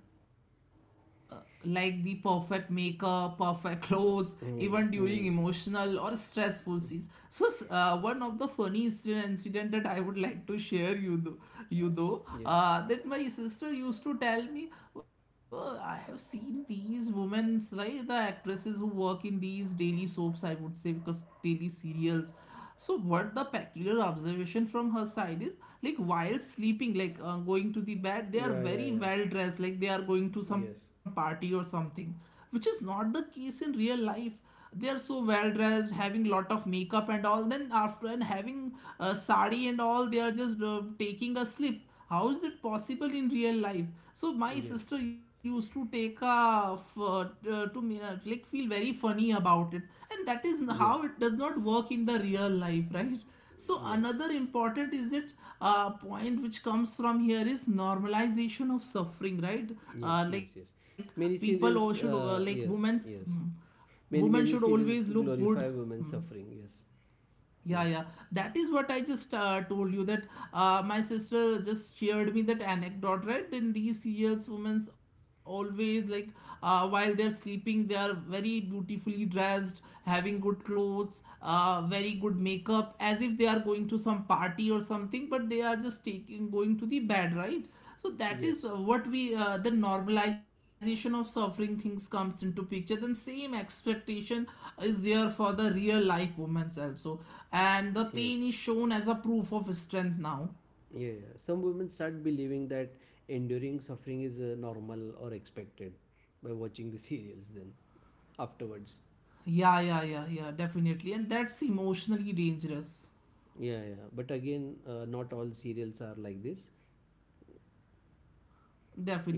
Speaker 1: Like the perfect makeup, perfect clothes,
Speaker 2: Hmm.
Speaker 1: even
Speaker 2: Hmm.
Speaker 1: during emotional or stressful scenes. So one of the funny incident that I would like to share you though,
Speaker 2: Yeah.
Speaker 1: that my sister used to tell me, "Well, I have seen these women, right, the actresses who work in these daily soaps, I would say, because daily serials. So what the peculiar observation from her side is, like while sleeping, like going to the bed, they are
Speaker 2: Yeah.
Speaker 1: very
Speaker 2: Yeah.
Speaker 1: well dressed, like they are going to some
Speaker 2: Yeah. Yes.
Speaker 1: party or something, which is not the case in real life. They are so well dressed, having lot of makeup and all, then after, and having a sari and all, they are just taking a slip. How is it possible in real life? So my
Speaker 2: Yes.
Speaker 1: sister used to take a to me, like feel very funny about it. And that is how
Speaker 2: Yes.
Speaker 1: it does not work in the real life, right? So
Speaker 2: Yes.
Speaker 1: another important is that point which comes from here is normalization of suffering, right?
Speaker 2: Yes.
Speaker 1: Like
Speaker 2: Yes. Yes.
Speaker 1: people, or
Speaker 2: Many
Speaker 1: should,
Speaker 2: serials.
Speaker 1: like women's,
Speaker 2: Yes.
Speaker 1: hmm,
Speaker 2: Yes.
Speaker 1: women should
Speaker 2: Many many
Speaker 1: always look
Speaker 2: serials
Speaker 1: good.
Speaker 2: glorify
Speaker 1: Hmm.
Speaker 2: women's suffering. Yes.
Speaker 1: Yeah, yeah.
Speaker 2: Yes.
Speaker 1: That is what I just told you, that my sister just shared me that anecdote, right? In these years, women's always like while they're sleeping, they are very beautifully dressed, having good clothes, very good makeup, as if they are going to some party or something, but they are just taking going to the bed, right? So that is
Speaker 2: Yes.
Speaker 1: what we the normalization of suffering things comes into picture. Then same expectation is there for the real life women's also, and the pain
Speaker 2: Yes,
Speaker 1: is shown as a proof of strength now.
Speaker 2: yeah, yeah. Some women start believing that enduring suffering is normal or expected by watching the [LAUGHS] serials then afterwards.
Speaker 1: Yeah, definitely, and that's emotionally dangerous.
Speaker 2: Yeah, yeah. But again, not all serials are like this.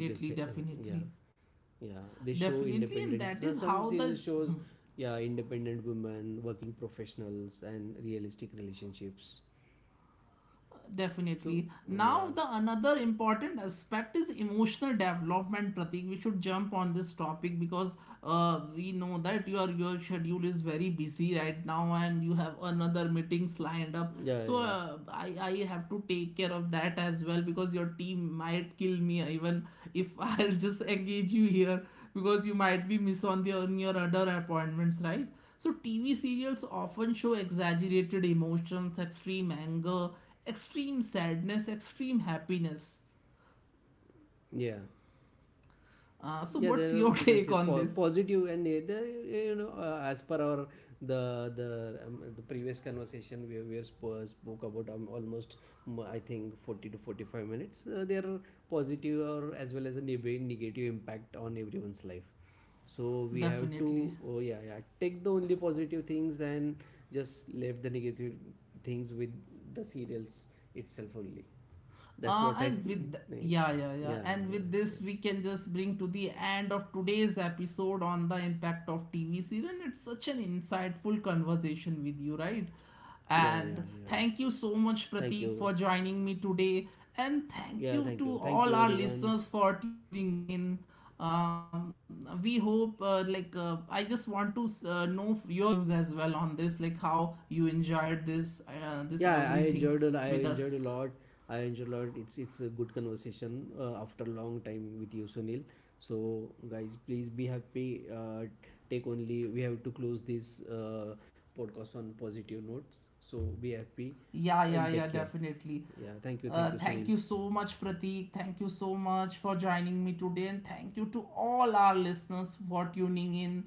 Speaker 2: You can say, [LAUGHS] yeah,
Speaker 1: definitely,
Speaker 2: yeah.
Speaker 1: Definitely,
Speaker 2: They
Speaker 1: and that
Speaker 2: show
Speaker 1: is how
Speaker 2: independent,
Speaker 1: the.
Speaker 2: so some serial shows, yeah, independent women, working professionals, and realistic relationships.
Speaker 1: Definitely.
Speaker 2: So,
Speaker 1: Now, the
Speaker 2: yeah,
Speaker 1: another important aspect is emotional development, Pratik. We should jump on this topic, because we know that your schedule is very busy right now, and you have another meetings lined up.
Speaker 2: yeah,
Speaker 1: So
Speaker 2: yeah,
Speaker 1: I have to take care of that as well, because your team might kill me even if [LAUGHS] I'll just engage you here, because you might be miss on the, on your other appointments, right? So TV serials often show exaggerated emotions, extreme anger, extreme sadness, extreme happiness.
Speaker 2: yeah.
Speaker 1: So,
Speaker 2: Yeah,
Speaker 1: what's
Speaker 2: there
Speaker 1: your [LAUGHS]
Speaker 2: you can
Speaker 1: take
Speaker 2: say
Speaker 1: on this?
Speaker 2: positive, and there, you know, as per our the previous conversation, spoke about almost, mm, I think 40 to 45 minutes. There are positive or as well as a negative impact on everyone's life, so we have to,
Speaker 1: Definitely.
Speaker 2: oh yeah yeah, take the only positive things and just leave the negative things with the serials itself only. That's
Speaker 1: Uh,
Speaker 2: what I [LAUGHS]
Speaker 1: and with th-
Speaker 2: think.
Speaker 1: yeah,
Speaker 2: Yeah,
Speaker 1: and
Speaker 2: yeah,
Speaker 1: with
Speaker 2: yeah,
Speaker 1: this
Speaker 2: yeah,
Speaker 1: we can just bring to the end of today's episode on the impact of TV series, and it's such an insightful conversation with you, right?
Speaker 2: yeah, yeah,
Speaker 1: And
Speaker 2: yeah.
Speaker 1: thank you so much,
Speaker 2: Thank
Speaker 1: Pratik,
Speaker 2: you.
Speaker 1: for joining me today, and thank
Speaker 2: Yeah,
Speaker 1: you
Speaker 2: thank
Speaker 1: to
Speaker 2: you. Thank
Speaker 1: all
Speaker 2: you,
Speaker 1: our
Speaker 2: everyone.
Speaker 1: listeners for tuning in. We hope, I just want to know your views as well on this, like how you enjoyed this, this
Speaker 2: Yeah, I
Speaker 1: everything
Speaker 2: enjoyed. I
Speaker 1: with us.
Speaker 2: enjoyed a lot. I enjoyed a lot. It's a good conversation after a long time with you, Sunil. So, guys, please be happy. Uh, Take only. We have to close this podcast on positive notes. So be happy
Speaker 1: Yeah,
Speaker 2: and take care.
Speaker 1: definitely.
Speaker 2: Yeah, thank you, Sunil.
Speaker 1: Thank you so much, Pratik. Thank you so much for joining me today. And thank you to all our listeners for tuning in.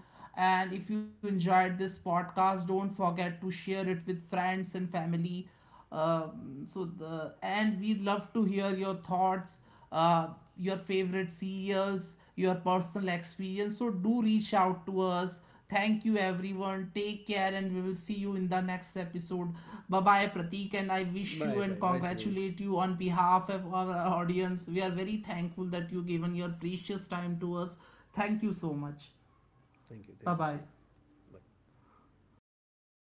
Speaker 1: And if you enjoyed this podcast, don't forget to share it with friends and family. So the And we'd love to hear your thoughts, uh, your favorite CEOs, your personal experience, so do reach out to us. Thank you everyone, take care, and we will see you in the next episode. Bye bye, Pratik, and I wish
Speaker 2: Bye,
Speaker 1: you
Speaker 2: bye,
Speaker 1: and
Speaker 2: bye, Sunil.
Speaker 1: congratulate you on behalf of our audience. We are very thankful that you given your precious time to us. Thank you so much.
Speaker 2: Thank you,
Speaker 1: Bye
Speaker 2: Sunil.
Speaker 1: bye.
Speaker 2: Bye.